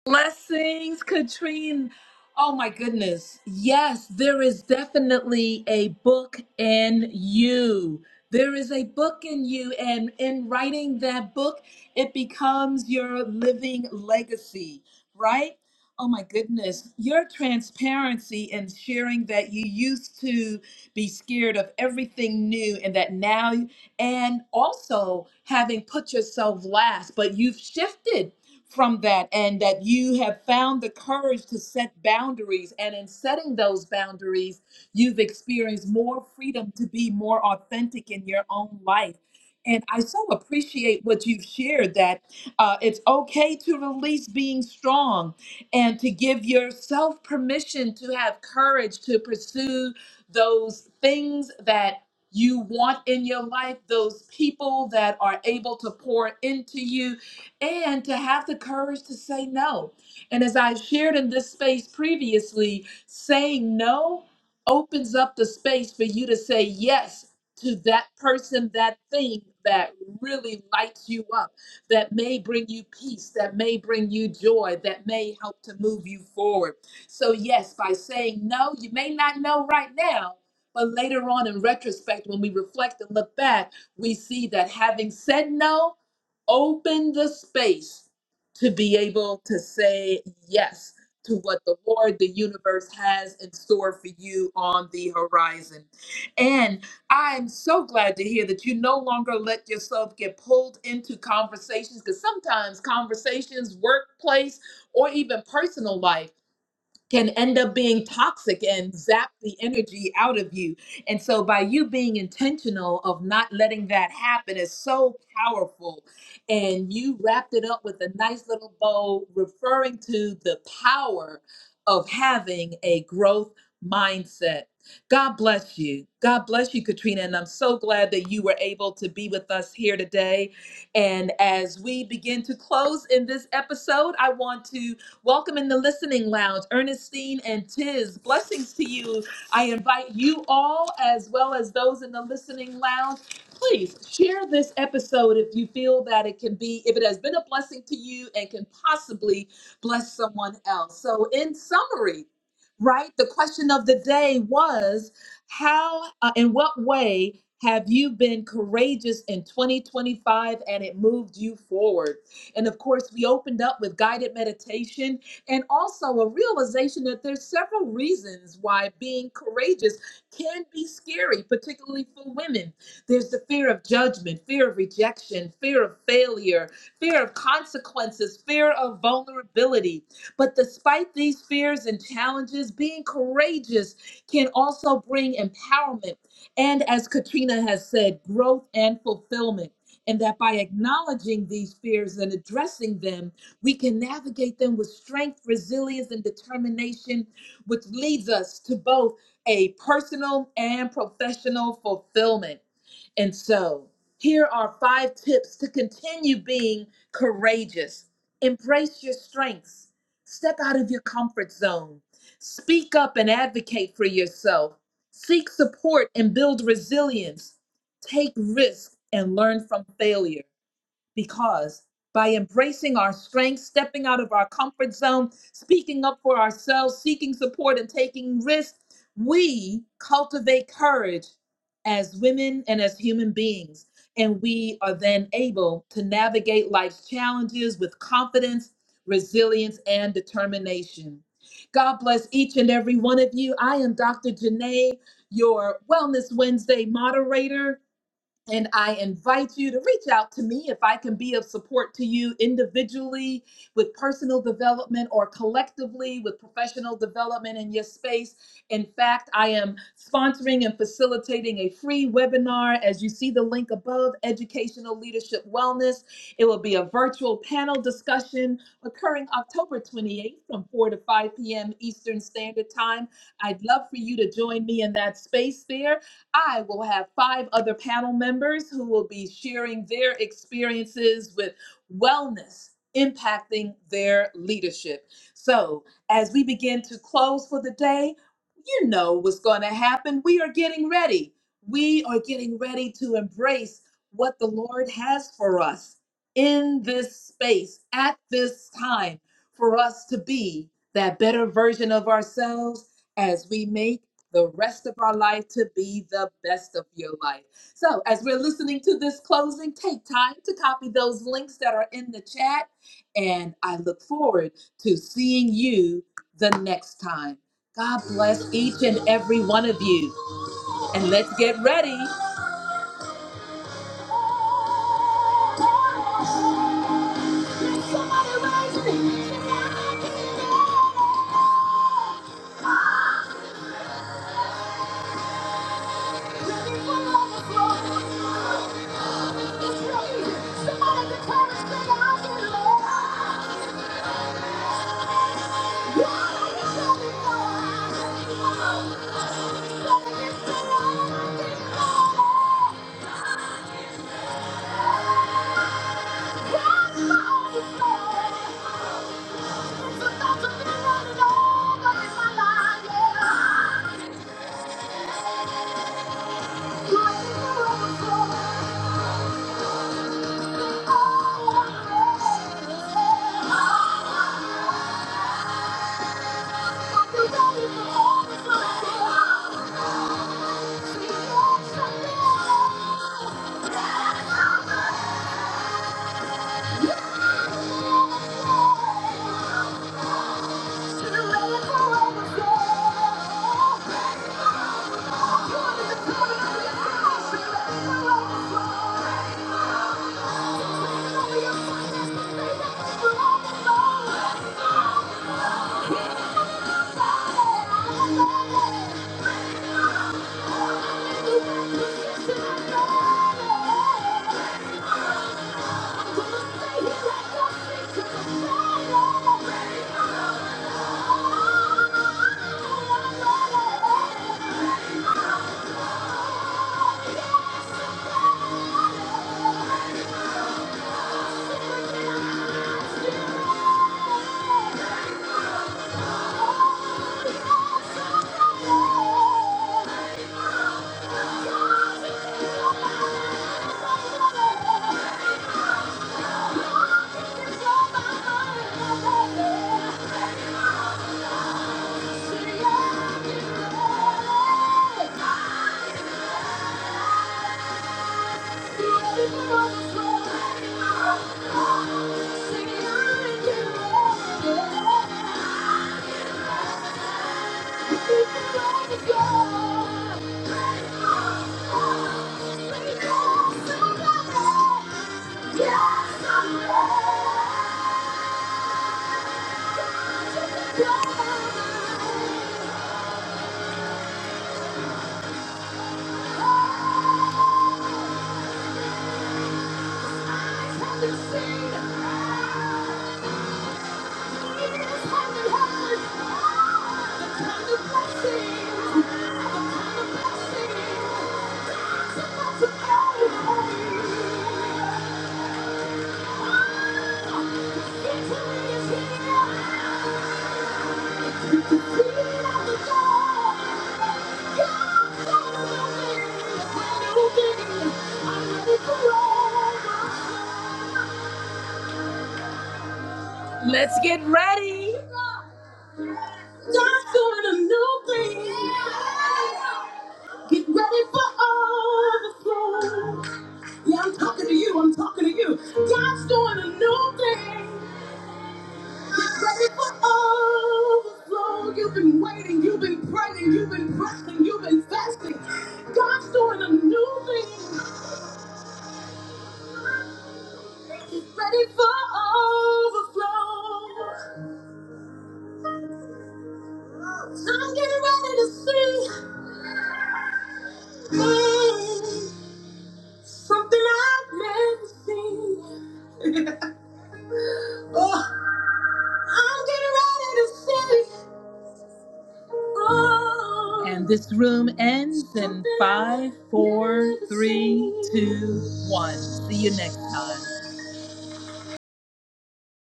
Blessings, Katrine. Oh my goodness. Yes, there is definitely a book in you. There is a book in you, and in writing that book, it becomes your living legacy, right? Oh my goodness. Your transparency and sharing that you used to be scared of everything new, and that now, and also having put yourself last, but you've shifted from that and that you have found the courage to set boundaries and in setting those boundaries you've experienced more freedom to be more authentic in your own life and i so appreciate what you've shared that uh, it's okay to release being strong and to give yourself permission to have courage to pursue those things that you want in your life, those people that are able to pour into you, and to have the courage to say no. And as I shared in this space previously, saying no opens up the space for you to say yes to that person, that thing that really lights you up, that may bring you peace, that may bring you joy, that may help to move you forward. So, yes, by saying no, you may not know right now. But later on, in retrospect, when we reflect and look back, we see that having said no open the space to be able to say yes to what the Lord, the universe has in store for you on the horizon. And I'm so glad to hear that you no longer let yourself get pulled into conversations because sometimes conversations, workplace, or even personal life can end up being toxic and zap the energy out of you. And so by you being intentional of not letting that happen is so powerful. And you wrapped it up with a nice little bow referring to the power of having a growth mindset. God bless you. God bless you, Katrina. And I'm so glad that you were able to be with us here today. And as we begin to close in this episode, I want to Welcome in the listening lounge, Ernestine and Tiz. Blessings to you. I invite you all, as well as those in the listening lounge, please share this episode if you feel that it can be, if it has been a blessing to you and can possibly bless someone else. So, in summary, right, the question of the day was how, uh, in what way have you been courageous in 2025 and it moved you forward? And of course, we opened up with guided meditation and also a realization that there's several reasons why being courageous can be scary, particularly for women. There's the fear of judgment, fear of rejection, fear of failure, fear of consequences, fear of vulnerability. But despite these fears and challenges, being courageous can also bring empowerment and, as Katrina has said, growth and fulfillment and that by acknowledging these fears and addressing them, we can navigate them with strength, resilience, and determination, which leads us to both a personal and professional fulfillment. And so, here are five tips to continue being courageous. Embrace your strengths, step out of your comfort zone, speak up and advocate for yourself, seek support and build resilience take risks and learn from failure because by embracing our strengths, stepping out of our comfort zone, speaking up for ourselves, seeking support, and taking risks, we cultivate courage as women and as human beings. And we are then able to navigate life's challenges with confidence, resilience, and determination. God bless each and every one of you. I am Dr. Janae, your Wellness Wednesday moderator. And I invite you to reach out to me if I can be of support to you individually with personal development or collectively with professional development in your space. In fact, I am sponsoring and facilitating a free webinar as you see the link above Educational Leadership Wellness. It will be a virtual panel discussion occurring October 28th from 4 to 5 p.m. Eastern Standard Time. I'd love for you to join me in that space there. I will have five other panel members who will be sharing their experiences with wellness impacting their leadership. So, as we begin to close for the day, you know what's going to happen. We are getting ready. We are getting ready to embrace what the Lord has for us in this space at this time for us to be that better version of ourselves as we make the rest of our life to be the best of your life. So, as we're listening to this closing, take time to copy those links that are in the chat. And I look forward to seeing you the next time. God bless each and every one of you. And let's get ready. Somebody declare this thing out here, Lord. Thank you. Thank you. Thank you. Yes, I'm ready. I'm ready to roll. my soul. Let's get ready. God's doing a new thing. Get ready for overflow. Yeah, I'm talking to you. I'm talking to you. God's doing a new thing. Get ready for overflow. You've been waiting. You've been praying. You've been pressing. You've been fasting. God's doing a new thing. Get ready for overflow. So I'm getting ready to see mm, something I've never seen. Oh, I'm getting ready to see. Oh, and this room ends in something i I've five, four, never three, seen. two, one. See you next time.